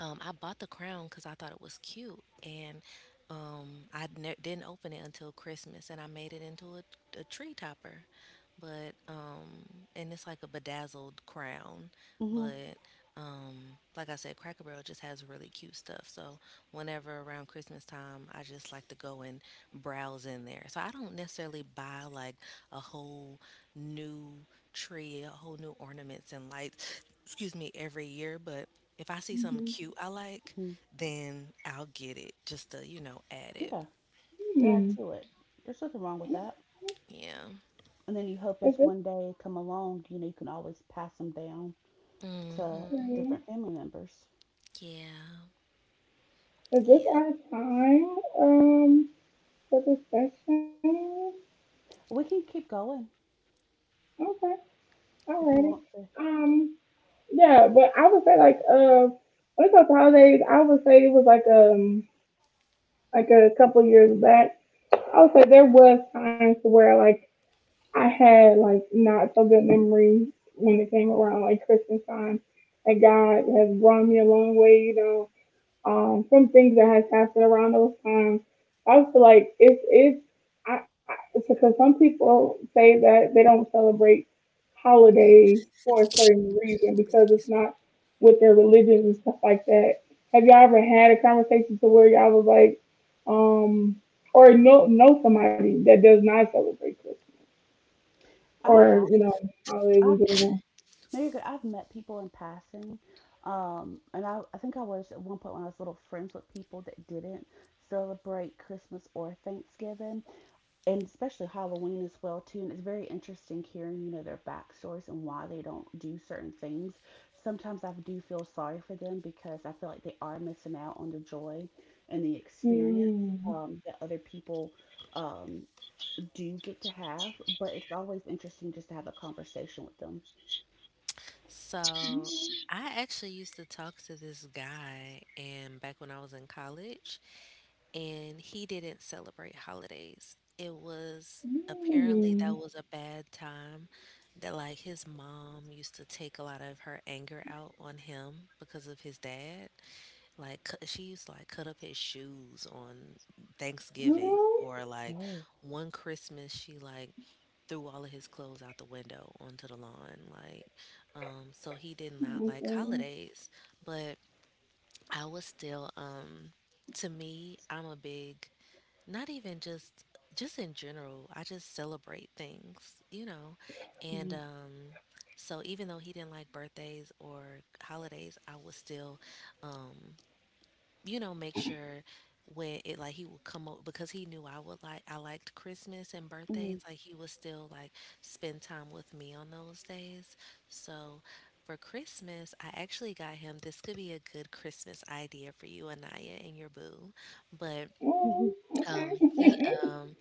S2: I bought the crown because I thought it was cute. And didn't open it until Christmas, and I made it into a tree topper. But and it's like a bedazzled crown.
S3: Mhm.
S2: But like I said, Cracker Barrel just has really cute stuff. So whenever around Christmas time, I just like to go and browse in there. So I don't necessarily buy like a whole new tree, a whole new ornaments and lights. Excuse me, every year, but if I see something
S1: Mm-hmm.
S2: cute I like,
S3: Mhm.
S2: then I'll get it just to, you know, add it.
S3: Yeah. That to it. There's nothing wrong with that.
S2: Yeah.
S3: And then you
S1: Is
S3: hope
S1: this
S3: as one day come along, you can always pass them down to
S2: Mm-hmm.
S3: different family members.
S2: Yeah.
S1: is this
S2: Yeah.
S1: our time for the session?
S3: We can keep going
S1: Okay.
S3: if you
S1: Alrighty.
S3: want to.
S1: Um, yeah, but I would say like when it comes to holidays, I would say it was like like a couple years back. I would say there was times to where like I had like not so good memories when it came around like Christmas time. And God has brought me a long way, you know, from things that has happened around those times. I feel like it's because some people say that they don't celebrate holidays for a certain reason because it's
S2: Excuse me.
S1: not with their religions and stuff like that. Have y'all ever had a conversation to where y'all was like, um, or know somebody that does not celebrate Christmas
S3: I
S1: or
S3: have.
S1: you know holidays in
S3: I've,
S1: general?
S3: no, you're good. I've met people in passing. And I think I was at one point when I was little friends with people that didn't celebrate Christmas or Thanksgiving, and especially Halloween as well too. And it's very interesting hearing, you know, their backstories and why they don't do certain things. Sometimes I do feel sorry for them because I feel like they are missing out on the joy and the experience,
S1: Hmm.
S3: that other people, um, do get to have. But it's always interesting just to have a conversation with them.
S2: So I actually used to talk to this guy and back when I was in college, and he didn't celebrate holidays. It was apparently
S1: Hmm.
S2: that was a bad time that like his mom used to take a lot of her anger out on him because of his dad. Like she used to like cut up his shoes on Thanksgiving,
S1: Huh?
S2: or like
S3: Oh.
S2: one Christmas she like threw all of his clothes out the window onto the lawn. Like, so he did not like
S1: Okay.
S2: holidays. But I was still to me, I'm a big, not even just in general, I just celebrate things, you know. And
S3: Hmm.
S2: so even though he didn't like birthdays or holidays, I was still um you know, make sure when it like he would come up because he knew I would like, I liked Christmas and birthdays,
S3: Hmm.
S2: like he would still like spend time with me on those days. So for Christmas, I actually got him, this could be a good Christmas idea for you, Anaya, and your boo. But
S3: Hmm.
S1: That's
S2: he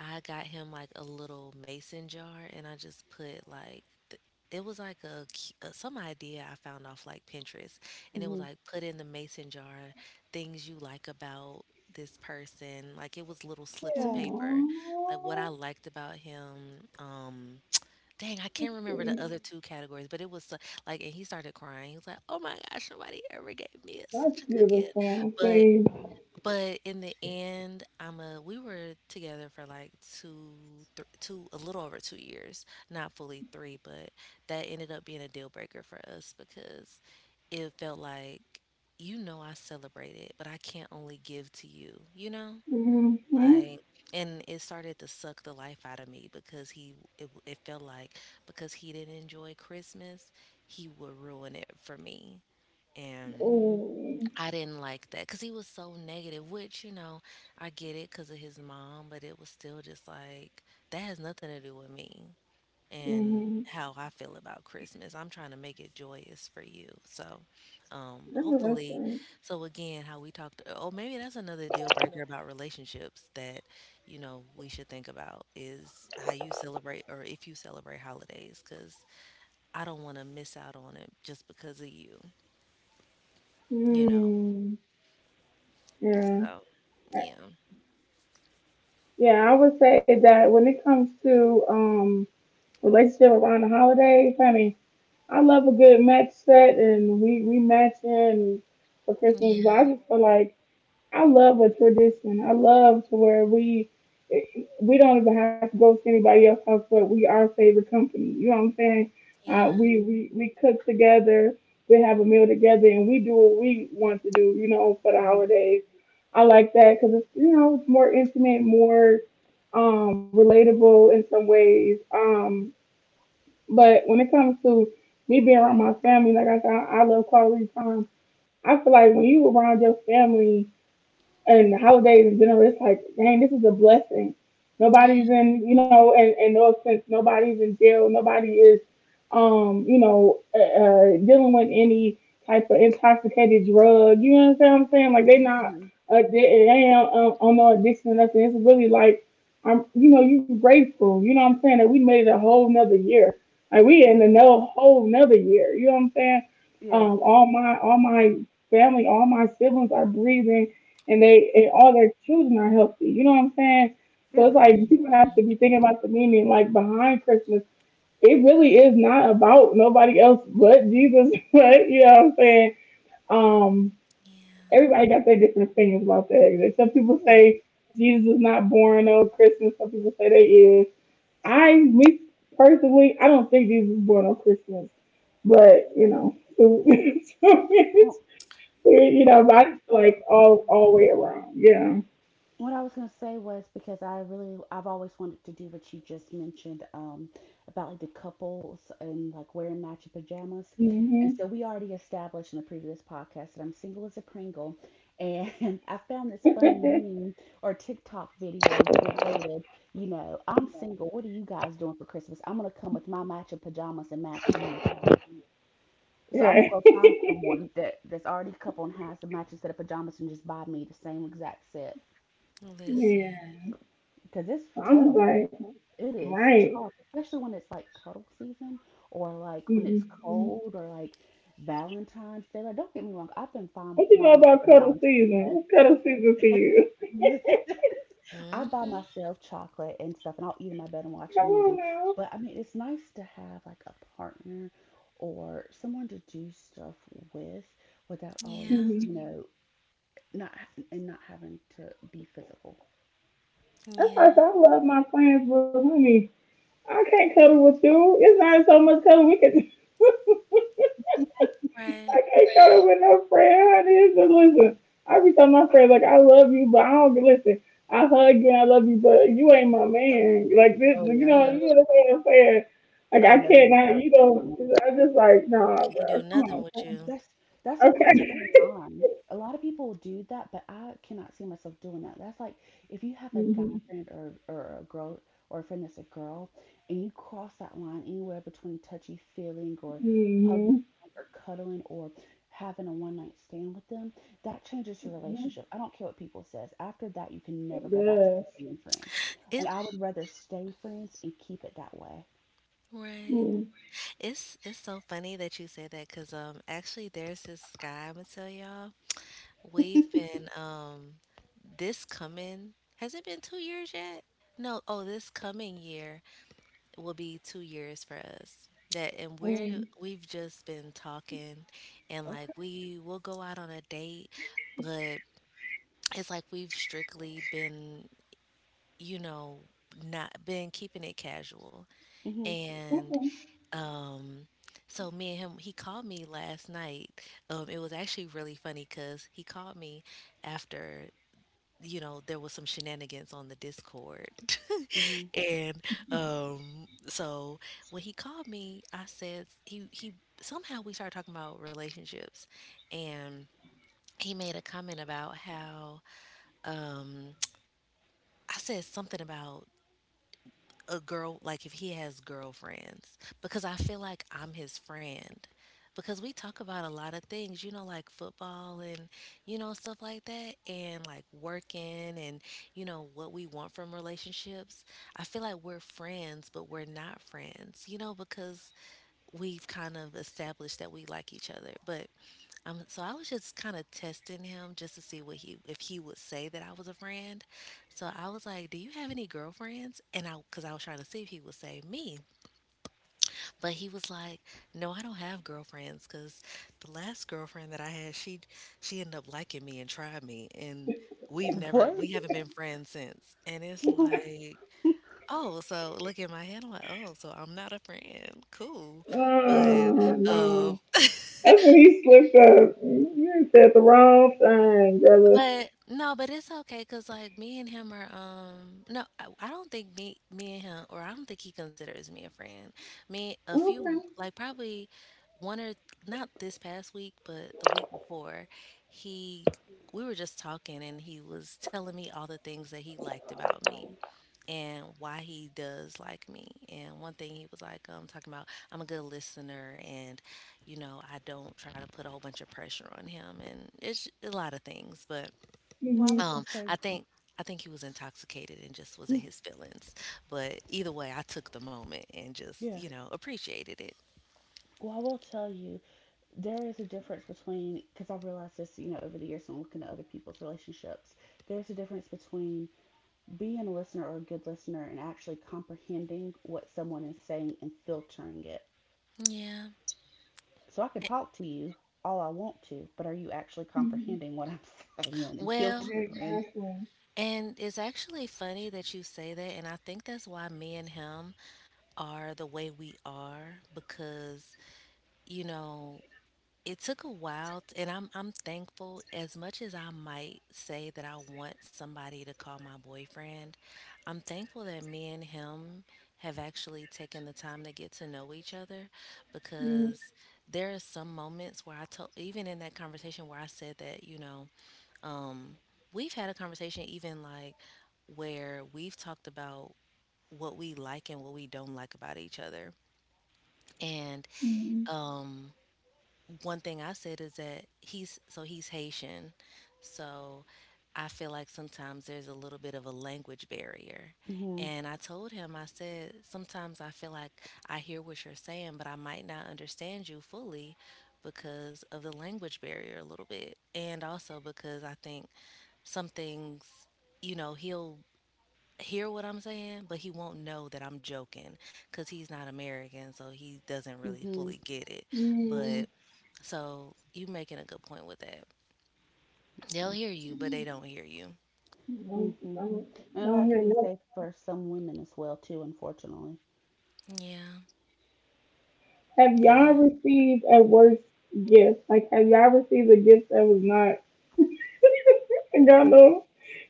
S2: I got him like a little mason jar, and I just put like th- it was like a some idea I found off like Pinterest, and it was
S3: Hmm.
S2: like put in the mason jar things you like about this person. Like it was little slips of
S3: Yeah.
S2: paper, like what I liked about him. Um, dang, I can't remember the other two categories, but it was like, and he started crying. He was like, oh my gosh, somebody ever gave me a, such a good gift.
S1: beautiful.
S2: but
S1: Babe.
S2: but in the end, I'm a we were together for like two, two, a little over 2 years, not fully three, but that ended up being a deal breaker for us because it felt like, you know, I celebrate it, but I can't only give to you, you know?
S1: Mm-hmm.
S2: Like, and it started to suck the life out of me because it felt like because he didn't enjoy Christmas, he would ruin it for me. And
S3: Hmm.
S1: Oh.
S2: I didn't like that because he was so negative, which, you know, I get it because of his mom, but it was still just like, that has nothing to do with me and
S1: Mm-hmm.
S2: how I feel about Christmas. I'm trying to make it joyous for you. So,
S1: Remember that
S2: hopefully,
S1: thing.
S2: so again, how we talked, oh, maybe that's another deal breaker about relationships that, you know, we should think about is how you celebrate or if you celebrate holidays because I don't want to miss out on it just because of you, you know.
S1: Mm. Yeah.
S2: So, yeah.
S1: Yeah, I would say that when it comes to relationship around the holidays, honey, I love a good match set and we match in for Christmas, but I
S2: Yeah.
S1: just feel like I love a tradition. I love to where we don't even have to go to anybody else's house, but we our favorite company. You know what I'm saying? Uh,
S2: Yeah,
S1: we
S3: Hmm.
S1: we we cook together. We have a meal together, and we do what we want to do, you know, for the
S3: Hmm.
S1: holidays. I like that because it's, you know, it's more intimate, more relatable in some ways. But when it comes to me being around my family, like I said, I love quality time. I feel like when you around your family and holidays in general, it's like, dang, this is a blessing.
S2: yeah,
S1: Nobody's in, you know, and, no offense, nobody's in jail. Nobody is, you know, dealing with any type of intoxicated drug. You know what I'm saying? Like, they're
S2: mm-hmm.
S1: not, they ain't on no addiction or nothing. It's really like, I'm, you know, you're grateful. You know what I'm saying? That we made it a whole nother year. Like, we in another whole nother year. You know what I'm saying?
S3: Yeah.
S1: All my family, all my siblings are breathing and they and
S3: Mhm.
S1: all their children are healthy. You know what I'm saying? So
S3: Yeah.
S1: it's like people have to be thinking about the meaning like behind Christmas. It really is not about nobody else but Jesus. But you know what I'm saying? Um,
S2: Yeah.
S1: Everybody got their different opinions about that. Like, some people
S3: Oh yeah.
S1: say Jesus is not born on Christmas. Some people say they is. I, me personally, I don't think Jesus was born on Christmas. But you know, so it's,
S3: Oh,
S1: you
S3: what
S1: know,
S3: else?
S1: but I just feel like all way around. Yeah.
S3: What I was going to say was, because I've always wanted to do what you just mentioned, about like the couples and like wearing matching pajamas, and
S1: Mhm.
S3: so we already established in the previous podcast that I'm single as a Pringle, and I found this funny
S1: Right.
S3: meme or TikTok video that stated, you know, I'm single. What are you guys doing for Christmas? I'm gonna come with my matching pajamas and match you. So I'm gonna go find someone that's already coupled and has a matching set of pajamas and just buy me the same exact set
S2: Listen.
S1: Yeah.
S3: because it's
S1: I'm just
S3: tough.
S1: like,
S3: It is
S1: right.
S3: tough, especially when it's like cuddle season or like when it's
S1: Mm-hmm.
S3: cold or like Valentine's Day. Like, don't get me wrong, I've been fine
S1: What you
S3: by
S1: know
S3: myself
S1: about
S3: on
S1: cuddle season?
S3: Valentine's
S1: What's cuddle season for you?
S3: Day. I buy
S2: Mm-hmm.
S3: myself chocolate and stuff, and I'll eat in my bed and watch
S1: Come
S3: a
S1: on
S3: movie.
S1: now.
S3: But I mean, it's nice to have like a partner or someone to do stuff with without always,
S2: Yeah,
S3: you
S1: Mm-hmm.
S3: know, not and not having to be physical.
S1: That's why I
S2: yeah.
S1: said I love my friends, but honey, I can't cuddle with you. It's not so much cuddle we could.
S2: Right.
S1: I can't go with no friend, honey. It's listen. I be telling my friends like I love you, but I don't listen. I hug you and I love you, but you ain't my man. Like this,
S3: Oh yeah,
S2: Mm.
S1: you
S3: no,
S1: know what I'm saying? Like
S3: I would
S1: I
S3: never
S1: can't,
S3: do
S1: I,
S3: that.
S1: you know, I just like nah,
S2: Can't do
S1: bro. Come
S2: nothing
S1: on,
S2: with
S1: come on.
S2: you.
S3: That's that's across
S1: Okay.
S3: the line. A lot of people do that, but I cannot see myself doing that. That's like if you have a guy friend or a girl, or a friend that's a girl, and you cross that line anywhere between touchy feeling or
S1: Mhm,
S3: hugging
S1: mhm.
S3: or cuddling or having a one night stand with them, that changes your relationship. I don't care what people says. After that, you can never
S1: It
S3: go back to
S1: does.
S3: just being friends.
S2: It
S3: And I would rather stay friends and keep it that way.
S2: right.
S1: Mm,
S2: It's so funny that you say that because actually there's this guy I'm gonna tell y'all. We've been this coming, has it been 2 years yet? No. Oh, this coming year will be 2 years for us. That and we're
S1: mm.
S2: we've just been talking, and like
S3: Okay.
S2: we will go out on a date, but it's like we've strictly been, you know, not been keeping it casual.
S3: Mhm.
S2: And
S1: Okay.
S2: um so me and him he called me last night. It was actually really funny cuz he called me after, you know, there was some shenanigans on the Discord.
S3: Mhm.
S2: And so when he called me, I said he somehow we started talking about relationships, and he made a comment about how um I said something about a girl, like if he has girlfriends, because I feel like I'm his friend because we talk about a lot of things, you know, like football and you know stuff like that, and like working and you know what we want from relationships. I feel like we're friends, but we're not friends, you know, because we've kind of established that we like each other. But so I was just kind of testing him just to see what he if he would say that I was a friend. So I was like, "Do you have any girlfriends?" And I Because I was trying to see if he would say me, but he was like, "No, I don't have girlfriends. Because the last girlfriend that I had, she ended up liking me and tried me, and
S3: What?
S2: we haven't been friends since." And it's like, oh, so look, in my head, I'm like, oh, so I'm not a friend, cool. But
S1: Oh
S2: uh,
S1: no, that's when he slipped up. You done said the wrong thing, brother.
S2: but no, but it's okay, cause like me and him are no, I don't think me me and him or I don't think he considers me a friend. Me a
S1: Okay.
S2: few like probably one or, not this past week, but the week before, he we were just talking and he was telling me all the things that he liked about me and why he does like me. And one thing he was like, talking about I'm a good listener and, you know, I don't try to put a whole bunch of pressure on him, and it's a lot of things. But
S3: Well, I was
S1: Mhm.
S3: gonna say.
S2: I think he was intoxicated and just was in his feelings. But either way, I took the moment and just,
S3: Yeah.
S2: you know, appreciated it.
S3: Well, I will tell you, there is a difference between, because I've realized this, you know, over the years and looking at other people's relationships, there's a difference between being a listener or a good listener and actually comprehending what someone is saying and filtering it.
S2: Yeah.
S3: So I could
S2: Eh,
S3: talk to you all I want to, but are you actually
S1: Mhm.
S3: comprehending what I'm saying and
S2: Well,
S3: filtering?
S2: and it's actually funny that you say that, and I think that's why me and him are the way we are because, you know, It took a while t and I'm thankful, as much as I might say that I want somebody to call my boyfriend, I'm thankful that me and him have actually taken the time to get to know each other because there are some moments where I told, even in that conversation, where I said that, you know, um, we've had a conversation even like where we've talked about what we like and what we don't like about each other. And
S1: Mm-hmm.
S2: um one thing I said is that he's Haitian, so I feel like sometimes there's a little bit of a language barrier.
S3: Mm-hmm.
S2: And I told him, I said, sometimes I feel like I hear what you're saying, but I might not understand you fully because of the language barrier a little bit. And also because I think some things, you know, he'll hear what I'm saying, but he won't know that I'm joking because he's not American, so he doesn't really
S3: Mm-hmm.
S2: fully get it. But so you making a good point with that. They'll
S3: Yeah.
S2: hear you, but they don't hear you.
S3: Mm-hmm. And that can be safe for some women as well, too, unfortunately.
S2: Yeah,
S1: Have y'all
S2: yeah,
S1: received a worse gift? Like, have y'all received a gift that was not? I don't know.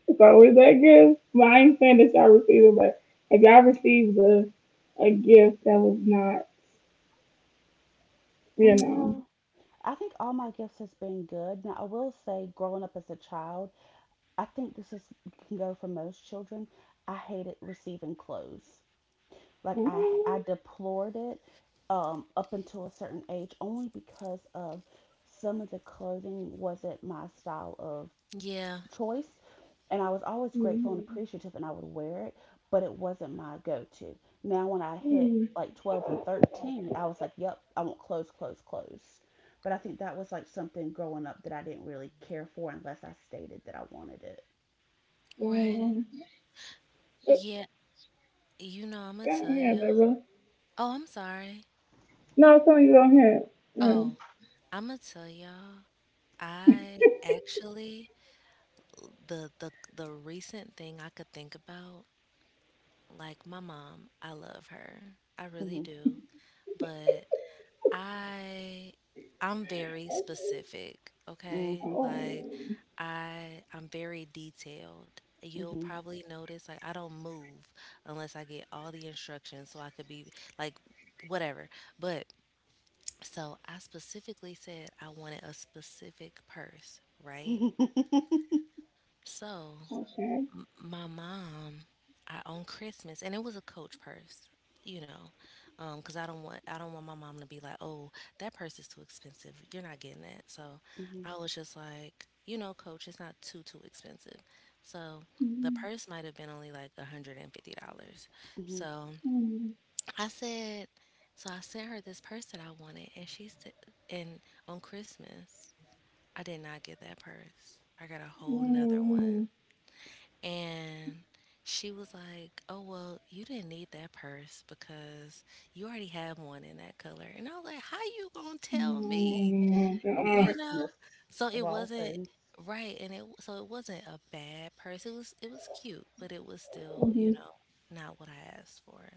S1: It's always that gift. But I ain't saying that y'all received it, but have y'all received a gift that was not, you know?
S3: No. I think all my gifts has been good. Now I will say, growing up as a child, I think this is can go for most children. I hated receiving clothes. Like I deplored it, up until a certain age, only because of some of the clothing wasn't my style of
S2: yeah.
S3: choice, and I was always grateful and
S1: Mm-hmm.
S3: appreciative, and I would wear it, but it wasn't my go-to. Now when I hit like 12 and 13, I was like, "Yep, I want clothes, clothes, clothes." But I think that was like something growing up that I didn't really care for unless I stated that I wanted it.
S2: Right.
S1: Go
S2: Yeah. You know, I'ma tell
S1: ahead, baby.
S2: y'all. Oh, I'm sorry.
S1: No, some of you don't have. Yeah.
S2: Oh, I'ma tell y'all. I actually the recent thing I could think about, like my mom, I love her. I
S3: Mhm.
S2: really do. But I I'm very specific, okay?
S3: Mhm.
S2: Like
S1: Oh,
S2: I'm very detailed. You'll
S3: Mhm.
S2: probably notice like I don't move unless I get all the instructions so I could be like whatever. But so I specifically said I wanted a specific purse, right?
S3: Mhm.
S2: So
S1: okay.
S2: my mom, on Christmas, and it was a Coach purse, you know, because I don't want my mom to be like, oh, that purse is too expensive, you're not getting that. So
S3: Mhm.
S2: I was just like, you know, Coach, it's not too too expensive. So the
S1: Mm-hmm.
S2: purse might have been only like $150.
S3: Mhm.
S2: So
S1: Mm-hmm.
S2: I said, so I sent her this purse that I wanted, and and on Christmas I did not get that purse. I got a whole nother one. And she was like, oh, well, you didn't need that purse because you already have one in that color. And I was like, how you gonna tell me?
S3: On
S2: You know?
S3: Christmas
S2: So
S3: of
S2: it
S3: all
S2: wasn't,
S3: things.
S2: right, and it, so it wasn't a bad purse. It was, it was cute, but it was still, you know, not what I asked for.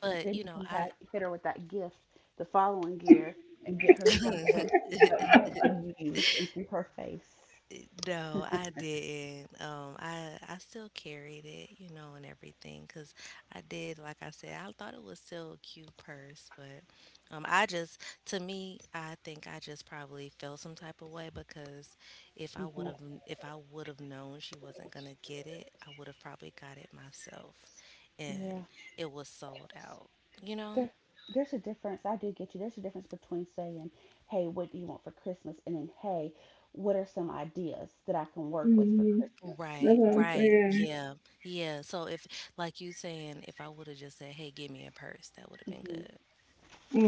S2: But,
S3: Then
S2: you
S3: you
S2: know,
S3: can
S2: I,
S3: hit her with that gift the following year and get her something that won't be used and see her face.
S2: no, I didn't. I still carried it, you know, and everything, cause I did, like I said, I thought it was still a cute purse, but I just, to me, I think I just probably felt some type of way because if I would
S3: Hmm.
S2: have, if I would have known she wasn't gonna get it, I would have probably got it myself,
S3: Yeah,
S2: and it was sold out, you know.
S3: there, there's a difference. I do get you. There's a difference between saying, "Hey, what do you want for Christmas?" and then, "Hey, what are some ideas that I can work with for Christmas?"
S2: Right,
S1: That's what I'm
S2: right.
S1: saying.
S2: Yeah. Yeah. So if, like you saying, if I would have just said, "Hey, give me a purse," that would have been
S3: Hmm.
S2: good.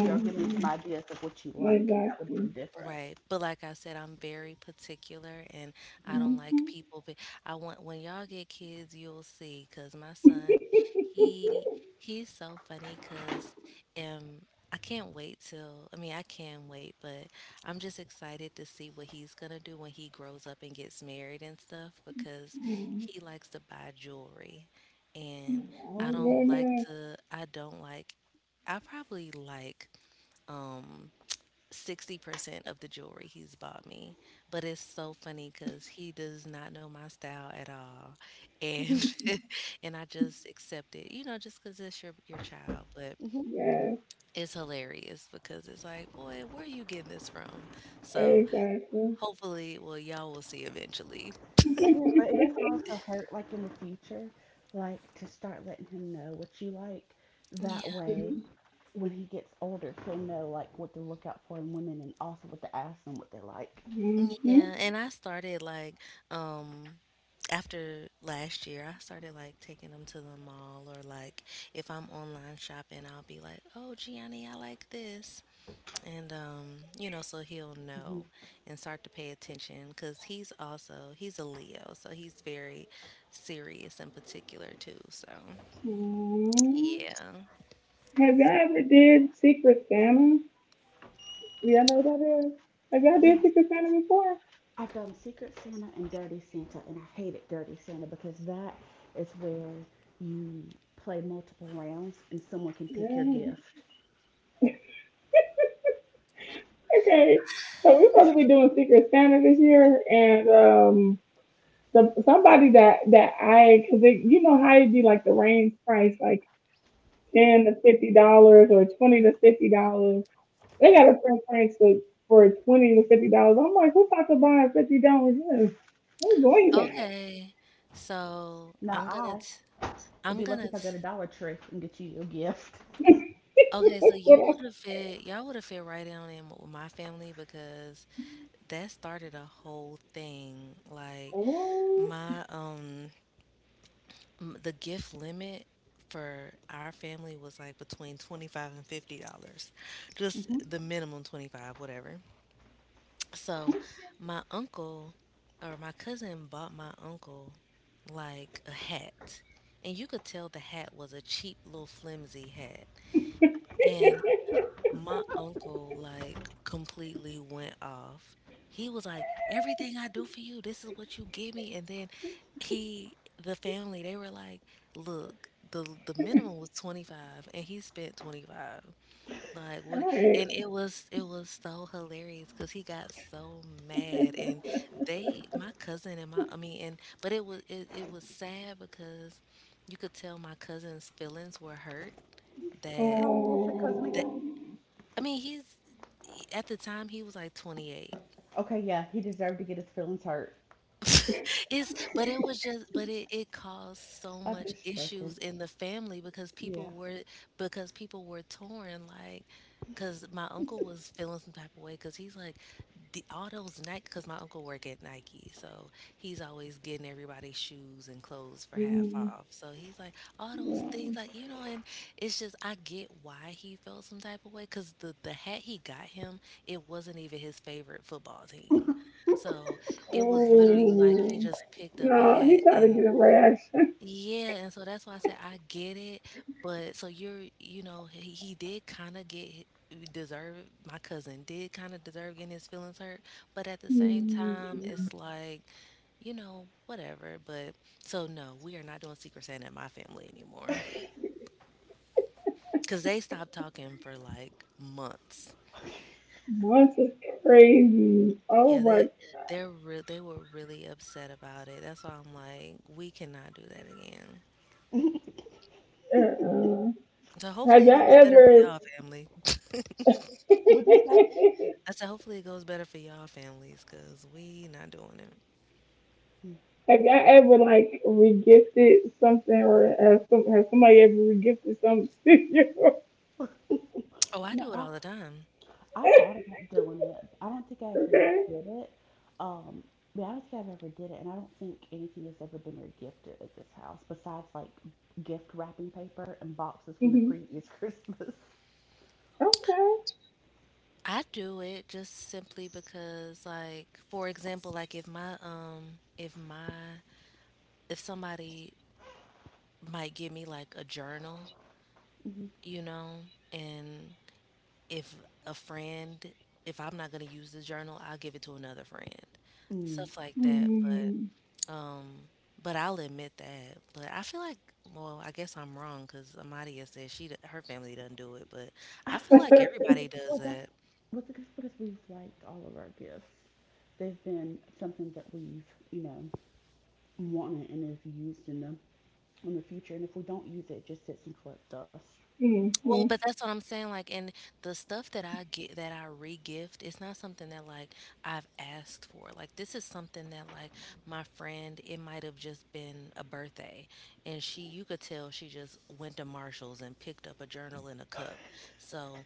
S3: You know, give me some ideas of what you like. That would have been
S1: Exactly.
S3: different.
S2: Right. But like I said, I'm very particular and
S3: Hmm.
S2: I don't like
S1: Mm-hmm.
S2: people. But I want, when y'all get kids, you'll see. Cause my son, he he's so funny. Cause um, I can't wait till. I mean, I can wait, but I'm just excited to see what he's gonna do when he grows up and gets married and stuff. Because he likes to buy jewelry, and I
S3: Hmm.
S1: Oh,
S2: don't like
S1: goodness.
S2: to. I don't like. I probably like. Um. 60% of the jewelry he's bought me. But it's so funny because he does not know my style at all.
S3: Hmm.
S2: And and I just accept it, you know, just because it's your child. But
S1: Yes,
S2: it's hilarious because it's like, boy, where are you getting this from? So
S1: exactly.
S2: hopefully, well, y'all will see eventually.
S3: Yeah, but it doesn't
S1: Mm-hmm.
S3: also hurt, like in the future, like to start letting him know what you like. That way, when he gets older, he'll know like what to look out for in women and also what to ask them what they like.
S1: Mm.
S2: Yeah, and I started like um after last year, I started like taking them to the mall, or like if I'm online shopping, I'll be like, "Oh, Gianni, I like this." And you know, so he'll know
S3: Hmm.
S2: and start to pay attention, cuz he's also, he's a Leo, so he's very serious in particular too, so yeah.
S1: Have y'all ever did Secret Santa? Do y'all know what that is? Have y'all did
S3: Yes,
S1: Secret Santa before?
S3: I've done Secret Santa and Dirty Santa, and I hated Dirty Santa because that is where you play multiple rounds and someone can pick your
S1: Yeah.
S3: gift.
S1: Okay, so we're supposed to be doing Secret Santa this year, and the, somebody that that I, cause it, you know how it'd be like the range price, like $10 to $50 or $20 to $50. They got a preference for $20 to $50. I'm like, who's about to buy a $50? Who's going
S2: Okay. So I
S3: Not
S2: am going
S3: I.
S2: to,
S3: You'll be lucky if I go to Dollar Tree and get you a gift.
S1: that?
S2: okay, so
S1: That's what
S2: you
S1: I
S2: would have fit, right in on in with my family because that started a whole thing. Like
S1: oh.
S2: my the gift limit for our family was like between 25 and $50. Just
S3: Hmm.
S2: the minimum 25, whatever. So my uncle, or my cousin bought my uncle like a hat. And you could tell the hat was a cheap little flimsy hat. And. My uncle like completely went off. He was like, "Everything I do for you, this is what you give me." And then he, the family, they were like, "Look, the minimum was 25 and he spent 25." Like, what?
S1: All
S2: And
S1: right.
S2: it was so hilarious cuz he got so mad and they my cousin and my I mean and but it was it, it was sad because you could tell my cousin's feelings were hurt.
S3: How
S2: That
S3: old was your cousin again?
S2: that
S1: Um,
S2: I mean, he's At the time he was like 28.
S3: Okay, yeah, he deserved to get his feelings hurt.
S2: it's but it was just but It caused so
S3: I'm
S2: much
S3: just joking.
S2: issues in the family
S3: Yeah.
S2: because people were torn, like because my uncle was feeling some type of way because he's like the all those Nike, because my uncle work at Nike, so he's always getting everybody shoes and clothes for half
S1: mm,
S2: off. So he's like all those
S1: yeah.
S2: things, like, you know. And it's just, I get why he felt some type of way because the hat he got him, it wasn't even his favorite football team. So it was literally like he
S1: Oh,
S2: just picked up a
S1: no,
S2: hat.
S1: he's out to
S2: And
S1: get a rash.
S2: yeah, and so that's why I said I get it. But so you're, you know, he did kind of deserve— my cousin did kind of deserve getting his feelings hurt, but at the same time, it's like, you know, whatever. But so no, we are not doing Secret Santa in my family anymore because they stopped talking for like months.
S1: Months is crazy. Oh
S2: Yeah, they
S1: my.
S2: they were really upset about it. That's why I'm like, we cannot do that again.
S1: Uh-uh.
S2: So
S1: Have
S2: hopefully it
S1: y'all
S2: goes better for
S1: ever?
S2: y'all family.
S3: What'd you say?
S2: I said hopefully it goes better for y'all families because we not doing it.
S1: Have y'all ever like regifted something, or has, some, has somebody ever regifted something to you?
S2: Oh, I
S3: No,
S2: do it
S3: I
S2: all the time.
S3: I thought about doing it. I don't think I ever
S1: Okay.
S3: did it. Um, yeah, I don't think I've ever did it, and I don't think anything has ever been regifted at this house besides like gift wrapping paper and boxes from the
S1: Hmm.
S3: previous Christmas.
S1: Okay.
S2: I do it just simply because, like, for example, like if my if my if somebody might give me like a journal,
S3: Mhm.
S2: you know, and if a friend— if I'm not gonna use the journal, I'll give it to another friend.
S3: Mm.
S2: Stuff like that.
S1: Mm.
S2: But. Um, but I'll admit that. But I feel like, well, I guess I'm wrong because Amadia said her family doesn't do it. But I feel like everybody does
S3: Well, that's
S2: that.
S3: what's it's because we've liked all of our gifts. They've been something that we've, you know, wanted and have used in the future. And if we don't use it, it just sits and collects dust.
S2: Well,
S1: Hmm.
S2: but that's what I'm saying. Like, and the stuff that I get that I re-gift, it's not something that like I've asked for. Like, this is something that like my friend, it might have just been a birthday, and she, you could tell she just went to Marshalls and picked up a journal and a cup. So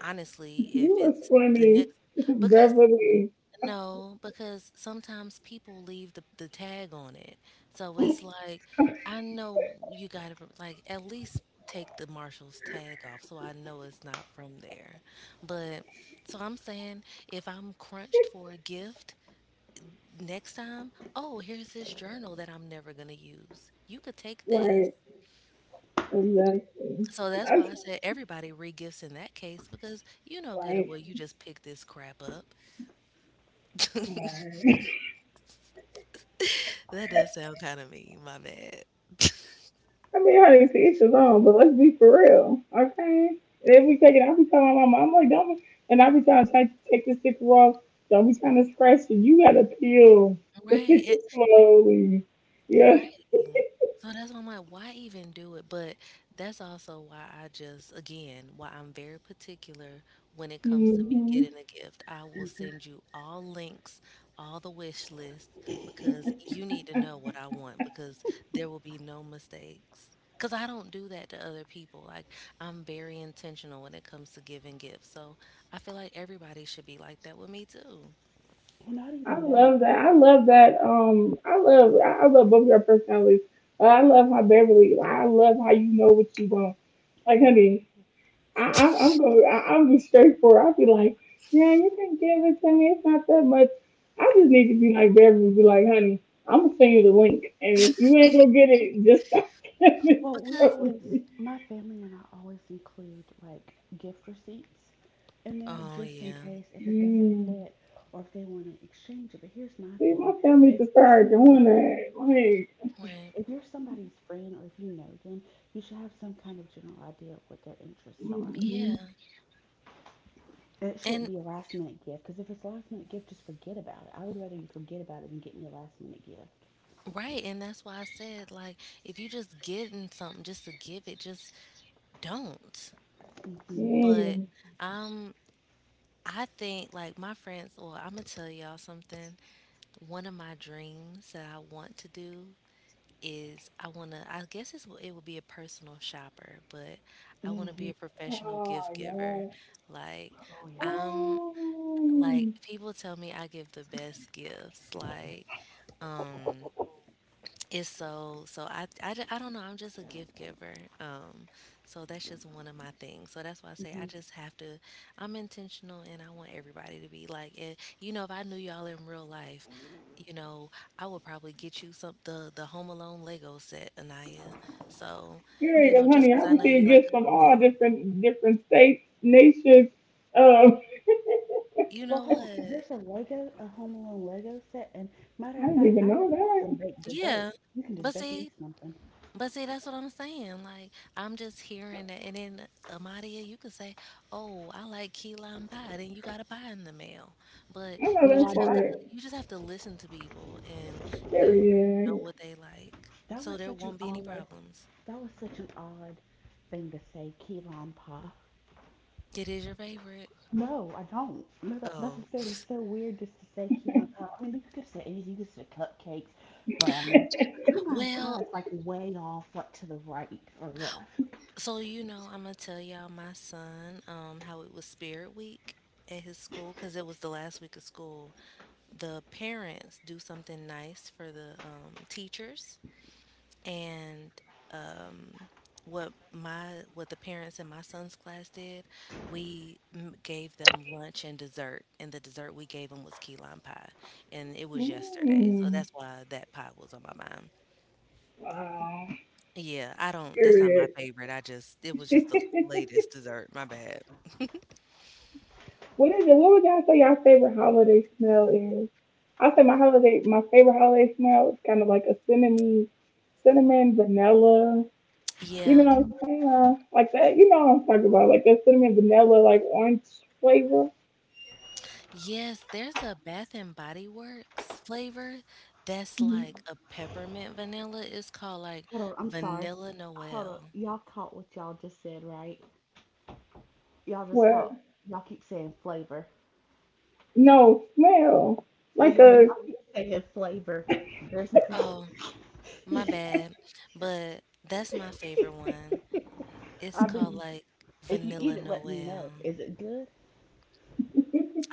S2: honestly, if
S1: You was
S2: it's the
S1: funny,
S2: next, because—
S1: Beverly.
S2: no, because sometimes people leave the tag on it. So it's like, I know you gotta like at least take the Marshall's tag off so I know it's not from there. But so I'm saying if I'm crunched for a gift next time, oh, here's this journal that I'm never gonna use. You could take this.
S1: Right. Exactly.
S2: So that's
S1: That's
S2: why I said everybody regifts in that case because you know good and
S1: right.
S2: well you just picked this crap up. That does sound kind of mean, my bad.
S1: I mean, honey, see, it's alone, but let's be for real, okay? And if we take it, I'll be telling my mom, I'm like, don't, and I'll be trying to take the sticker off. Don't be trying to scratch it. You gotta peel the sticker
S2: Right.
S1: slowly.
S2: Right.
S1: Yes.
S2: So that's why I'm like, why even do it? But that's also why I just, again, why I'm very particular when it comes to me
S1: Hmm.
S2: getting a gift. I will
S3: Hmm.
S2: send you all links, all the wish list, because you need to know what I want, because there will be no mistakes. Because I don't do that to other people. Like, I'm very intentional when it comes to giving gifts. So I feel like everybody should be like that with me too.
S3: Well, not
S1: I
S3: even that.
S1: love that. I love that. I love, I love both your personalities. I love how Beverly, I love how you know what you want. Like,
S3: Yeah.
S1: honey, I'm just straightforward. I'll be like, yeah, you can give it to me. It's not that much. I just need to be like Beverly. Be like, honey, I'm gonna send you the link, and if you ain't gonna get it, just stop giving
S3: Well,
S1: it
S2: Because,
S1: to me.
S3: my family and I always include like gift receipts in there
S2: oh,
S3: just in
S2: yeah.
S3: case if it doesn't
S1: Mm.
S3: fit or if they want to exchange it. But here's my
S1: See,
S3: thing:
S1: my family
S3: if
S1: just
S3: you're
S1: started
S3: somebody
S1: doing that. Like,
S2: Right.
S3: If you're somebody's friend or if you know them, you should have some kind of general idea of what their interests are.
S2: Yeah.
S1: mm
S3: And it shouldn't
S2: And—
S3: be a last minute gift because if it's a last minute gift, just forget about it. I would rather you forget about it than get me a last minute gift.
S2: right, and that's why I said, like, if you just getting something just to give it, just don't.
S3: Hmm.
S1: mm.
S2: But um I think like my friends, well, I'm gonna tell y'all something. One of my dreams that I want to do is— I wanna— I guess it's— it will be a personal shopper, but I wanna
S3: Hmm.
S2: be a
S1: Oh
S2: professional gift
S1: yeah.
S2: giver. Like,
S3: Oh, yes.
S2: I'm
S1: Oh,
S2: like— people tell me I give the best gifts, like, um it's so— so I don't know, I'm just a gift giver, um so that's just one of my things. So that's why I say I
S3: Hmm.
S2: just have to— I'm intentional, and I want everybody to be like it. You know, if I knew y'all in real life, you know, I would probably get you some— the Home Alone Lego set, Anaya. So,
S1: here
S3: Oh,
S1: you
S2: you
S3: there's
S2: know,
S3: a
S1: go,
S2: just
S1: honey.
S3: Lego
S1: I
S2: because I know
S3: set?
S2: you
S1: received
S2: like
S1: gifts from
S2: Home
S1: all
S2: Alone.
S1: different different states, nations. Um,
S2: You
S3: Well,
S2: know
S3: hold on.
S2: what?
S3: There's a Home Alone Lego set. And matter
S1: I
S3: of
S1: didn't
S3: fact,
S1: even
S3: I
S1: know
S3: just want some
S1: that.
S3: baked
S2: Yeah,
S3: dessert. You can just
S2: but
S3: bake me
S2: see—
S3: something.
S2: but see, that's what I'm saying. Like, I'm just hearing that. And then, Amadia, you could say, "Oh, I like key lime pie." Then you got a pie in the mail. But
S1: I know
S2: you
S3: No, I
S2: just
S1: that's
S2: have to—
S3: don't.
S1: like
S2: you just have to listen to people, and you know
S1: period.
S2: what they like,
S3: That
S2: so
S3: was
S2: there
S3: such an
S2: won't be any
S3: odd,
S2: problems.
S3: that was such an odd thing to say, key lime pie.
S2: It is your favorite.
S3: No, I don't. No, that's what
S2: Oh,
S3: I said. It's so weird just to say key lime pie. I mean, you could have said anything. You could have said cupcakes, brownies. But key lime pie is
S2: well.
S3: like way off, like to the right or left.
S2: So, you know, I'm gonna tell y'all— my son, how it was Spirit Week at his school because it was the last week of school. The parents do something nice for the teachers. And um, what my— what the parents in my son's class did, we gave them lunch and dessert, and the dessert we gave them was key lime pie, and it was yesterday, so
S1: Mm,
S2: that's why that pie was on my mind.
S1: wow.
S2: Yeah, I don't. That's not my
S1: Period.
S2: favorite. I just— it was just the latest dessert. My bad.
S1: What is it? What would y'all say your favorite holiday smell is? I say my holiday, my favorite holiday smell is kind of like a cinnamon, cinnamon vanilla. You
S2: Yeah.
S1: know what I'm saying? Huh? Like that. You know what I'm talking about? Like that cinnamon vanilla, like orange flavor.
S2: Yes, there's a Bath and Body Works flavor that's
S1: Mhm.
S2: like a peppermint vanilla. It's called like
S3: Hold on, I'm sorry.
S2: Vanilla
S3: Hold on.
S2: Noel.
S3: Y'all caught what y'all just said, right? Y'all just
S1: What?
S3: caught. Y'all keep saying flavor.
S1: No smell.
S3: No,
S1: Like
S3: y'all, but y'all
S1: a
S3: keep saying flavor. There's.
S2: Oh, my bad, but that's my favorite one. It's
S3: I
S2: called
S3: mean,
S2: like
S3: if you eat
S2: Vanilla
S3: it, let me
S2: Noel.
S3: know. Is it good?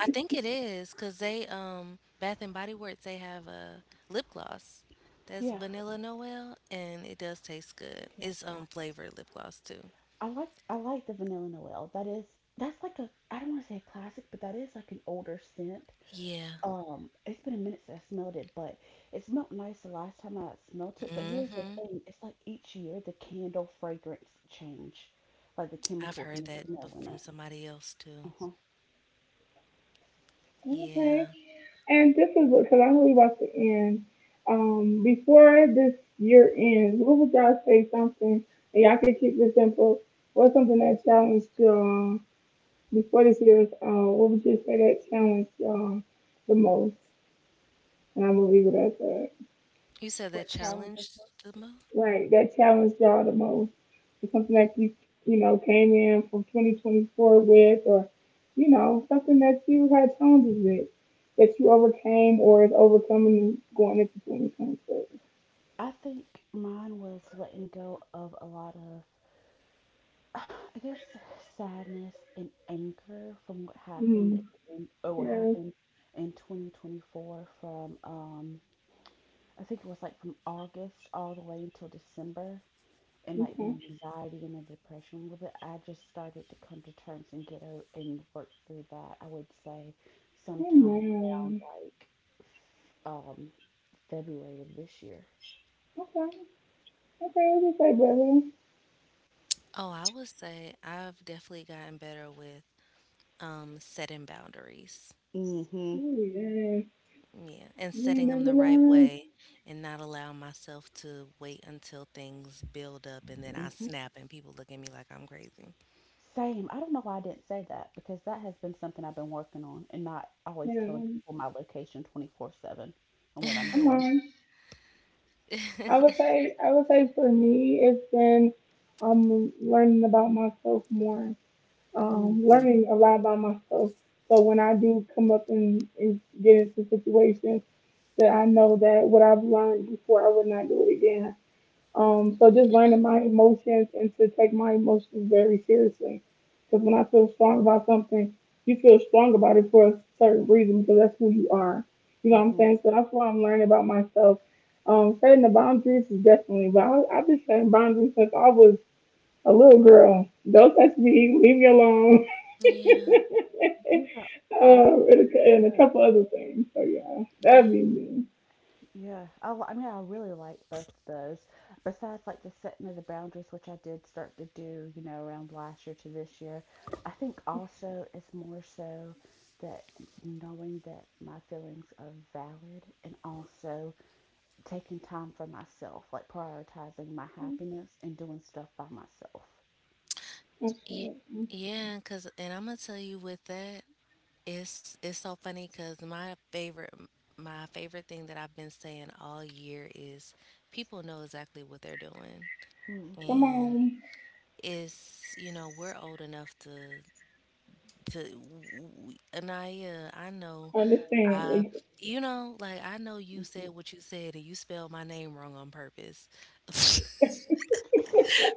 S2: I think it is because they— Bath and Body Works, they have a lip gloss that's
S3: Yeah,
S2: Vanilla Noel, and it does taste good.
S3: yeah.
S2: It's flavored lip gloss too.
S3: I like the vanilla Noel. That is that's like a, I don't want to say a classic, but that is like an older scent.
S2: Yeah.
S3: It's been a minute since I smelled it, but it smelled nice the last time I smelt it. But
S2: mm
S3: here's the
S2: Mhm.
S3: thing, it's like each year the candle fragrance change, like the
S2: I've
S3: chemicals
S2: heard
S3: and the
S2: that
S3: smell in
S2: from
S3: it.
S2: somebody else too.
S3: Uh-huh.
S1: okay.
S2: Yeah.
S1: And this is what, because I know we about to end. Before this year ends, what would y'all say something, and y'all can keep this simple, what's something that challenged y'all before this year is what would you say that challenged y'all the most? And I'm going to leave it at that.
S2: You said that
S3: What challenges
S2: challenged the
S3: us?
S2: most?
S1: Like, that challenged y'all the most. It's something that you know, came in from 2024 with, or, you know, something that you had challenges with that you overcame or is overcoming going into 2026.
S3: I think mine was letting go of a lot of, I guess, sadness and anger from what happened
S1: Mm.
S3: in or what
S1: Yeah.
S3: happened in 2024. From I think it was like from August all the way until December, and like the
S1: Okay.
S3: anxiety and the depression a little bit, I just started to come to terms and get out and work through that, I would say, sometime around
S1: Amen.
S3: like um February of this year.
S1: Okay. Okay. What you say, brother?
S2: Oh, I would say I've definitely gotten better with setting boundaries.
S3: Mhm.
S1: Oh yeah.
S2: Yeah, and
S1: You ain't
S2: setting them
S1: never
S2: the right
S1: learned.
S2: way and not allow myself to wait until things build up and then I snap and people look at me like I'm crazy.
S3: Same. I don't know why I didn't say that, because that has been something I've been working on, and not always
S1: Yeah.
S3: telling people my location 24/7 and what I'm
S1: Come
S3: doing.
S1: on. I would say. I would say for me, it's been learning about myself more.
S3: Mhm.
S1: Learning a lot about myself. So when I do come up and get into situations, that I know that what I've learned before, I would not do it again. So just learning my emotions and to take my emotions very seriously. Because when I feel strong about something, you feel strong about it for a certain reason because that's who you are. You know what I'm
S3: Mhm.
S1: saying? So that's why I'm learning about myself. Setting the boundaries is definitely, but I, I've been setting boundaries since I was a little girl. Don't touch me. Leave me alone.
S2: Yeah,
S3: These are those are
S1: And a
S3: good.
S1: couple other things. So yeah, that'd
S2: yeah,
S1: be me.
S3: Yeah. I mean, I really like both of those. Besides, like the setting of the boundaries, which I did start to do, you know, around last year to this year. I think also it's more so that knowing that my feelings are valid, and also taking time for myself, like prioritizing my happiness and doing stuff by myself.
S2: yeah,
S1: Okay.
S2: yeah. Cause, and I'm gonna tell you with that, it's so funny. Cause my favorite thing that I've been saying all year is people know exactly what they're doing,
S3: Mm-hmm.
S1: Come
S2: and
S1: on,
S2: it's— you know, we're old enough to Anaya. I know— I,
S1: understand.
S2: you know, like, I know you
S3: Mm-hmm.
S2: said what you said and you spelled my name wrong on purpose.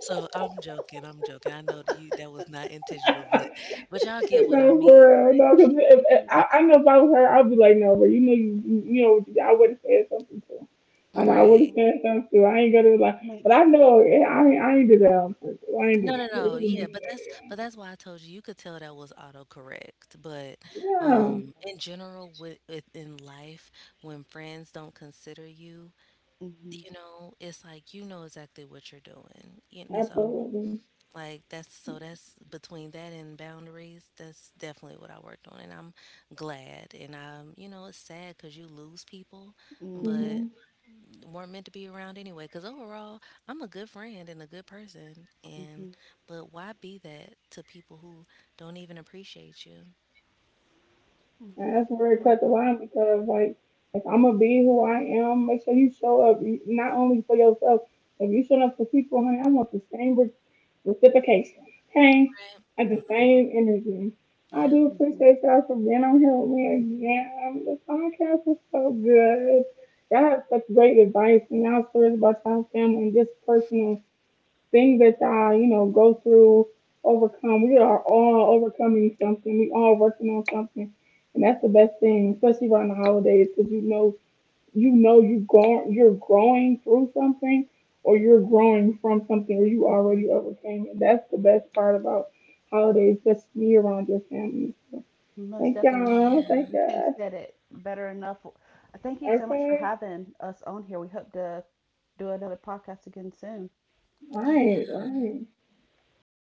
S2: So I'm joking, I'm joking. I know that you— that was not intentional, but— but y'all get what I
S1: No,
S2: mean.
S1: for real. No, because if,
S2: You
S1: I know if I was her, I'd be like, no, but you know, you know, I would have said something to him. I know I would
S2: right.
S1: have said something to him. I ain't gonna be like,
S3: I mean,
S1: but I know I ain't do that on purpose. I ain't do
S2: No,
S1: that.
S2: no,
S1: It
S2: no.
S1: was a
S2: Yeah, but that's—
S1: mistake.
S2: but that's why I told you, you could tell that was autocorrect. But
S1: Yeah,
S2: in general, with in life, when friends don't consider you,
S3: Mm-hmm.
S2: you know, it's like you know exactly what you're doing. You know. So
S3: Mm-hmm.
S1: absolutely.
S2: like that's so— that's between that and boundaries. That's definitely what I worked on, and I'm glad. And I'm, you know, it's sad because you lose people,
S1: Hmm.
S3: Mm-hmm.
S2: but
S1: And
S2: weren't meant to be around anyway. Because overall, I'm a good friend and a good person, and
S3: Mm-hmm.
S2: but why be that to people who don't even appreciate you?
S1: that's where it cut the
S3: Mm-hmm.
S1: line because, like, if I'm gonna be who I am, make sure you show up you- not only for yourself. If you show up for people, honey, I want the same reciprocation. Hey, at the
S2: Right.
S1: same interview. I
S2: Yeah,
S1: do
S3: Mm-hmm.
S1: appreciate y'all for being on here with me again. The podcast was so good. Y'all have such great advice and y'all stories about y'all family and just personal things that y'all, you know, go through, overcome. We are all overcoming something. We all working on something. And that's the best thing, especially around the holidays, because you know you know you going you're growing through something or you're growing from something or you
S3: Mm-hmm.
S1: already overcame it. That's the best part about holidays, just be around your family.
S3: Most
S1: Thank
S3: definitely,
S1: y'all. Thank
S2: yeah,
S3: you couldn't
S1: y'all.
S3: said it better enough. Thank you so much for
S1: Okay.
S3: having us on here. We hope to do another podcast again soon.
S1: All right, all
S2: yeah.
S1: right.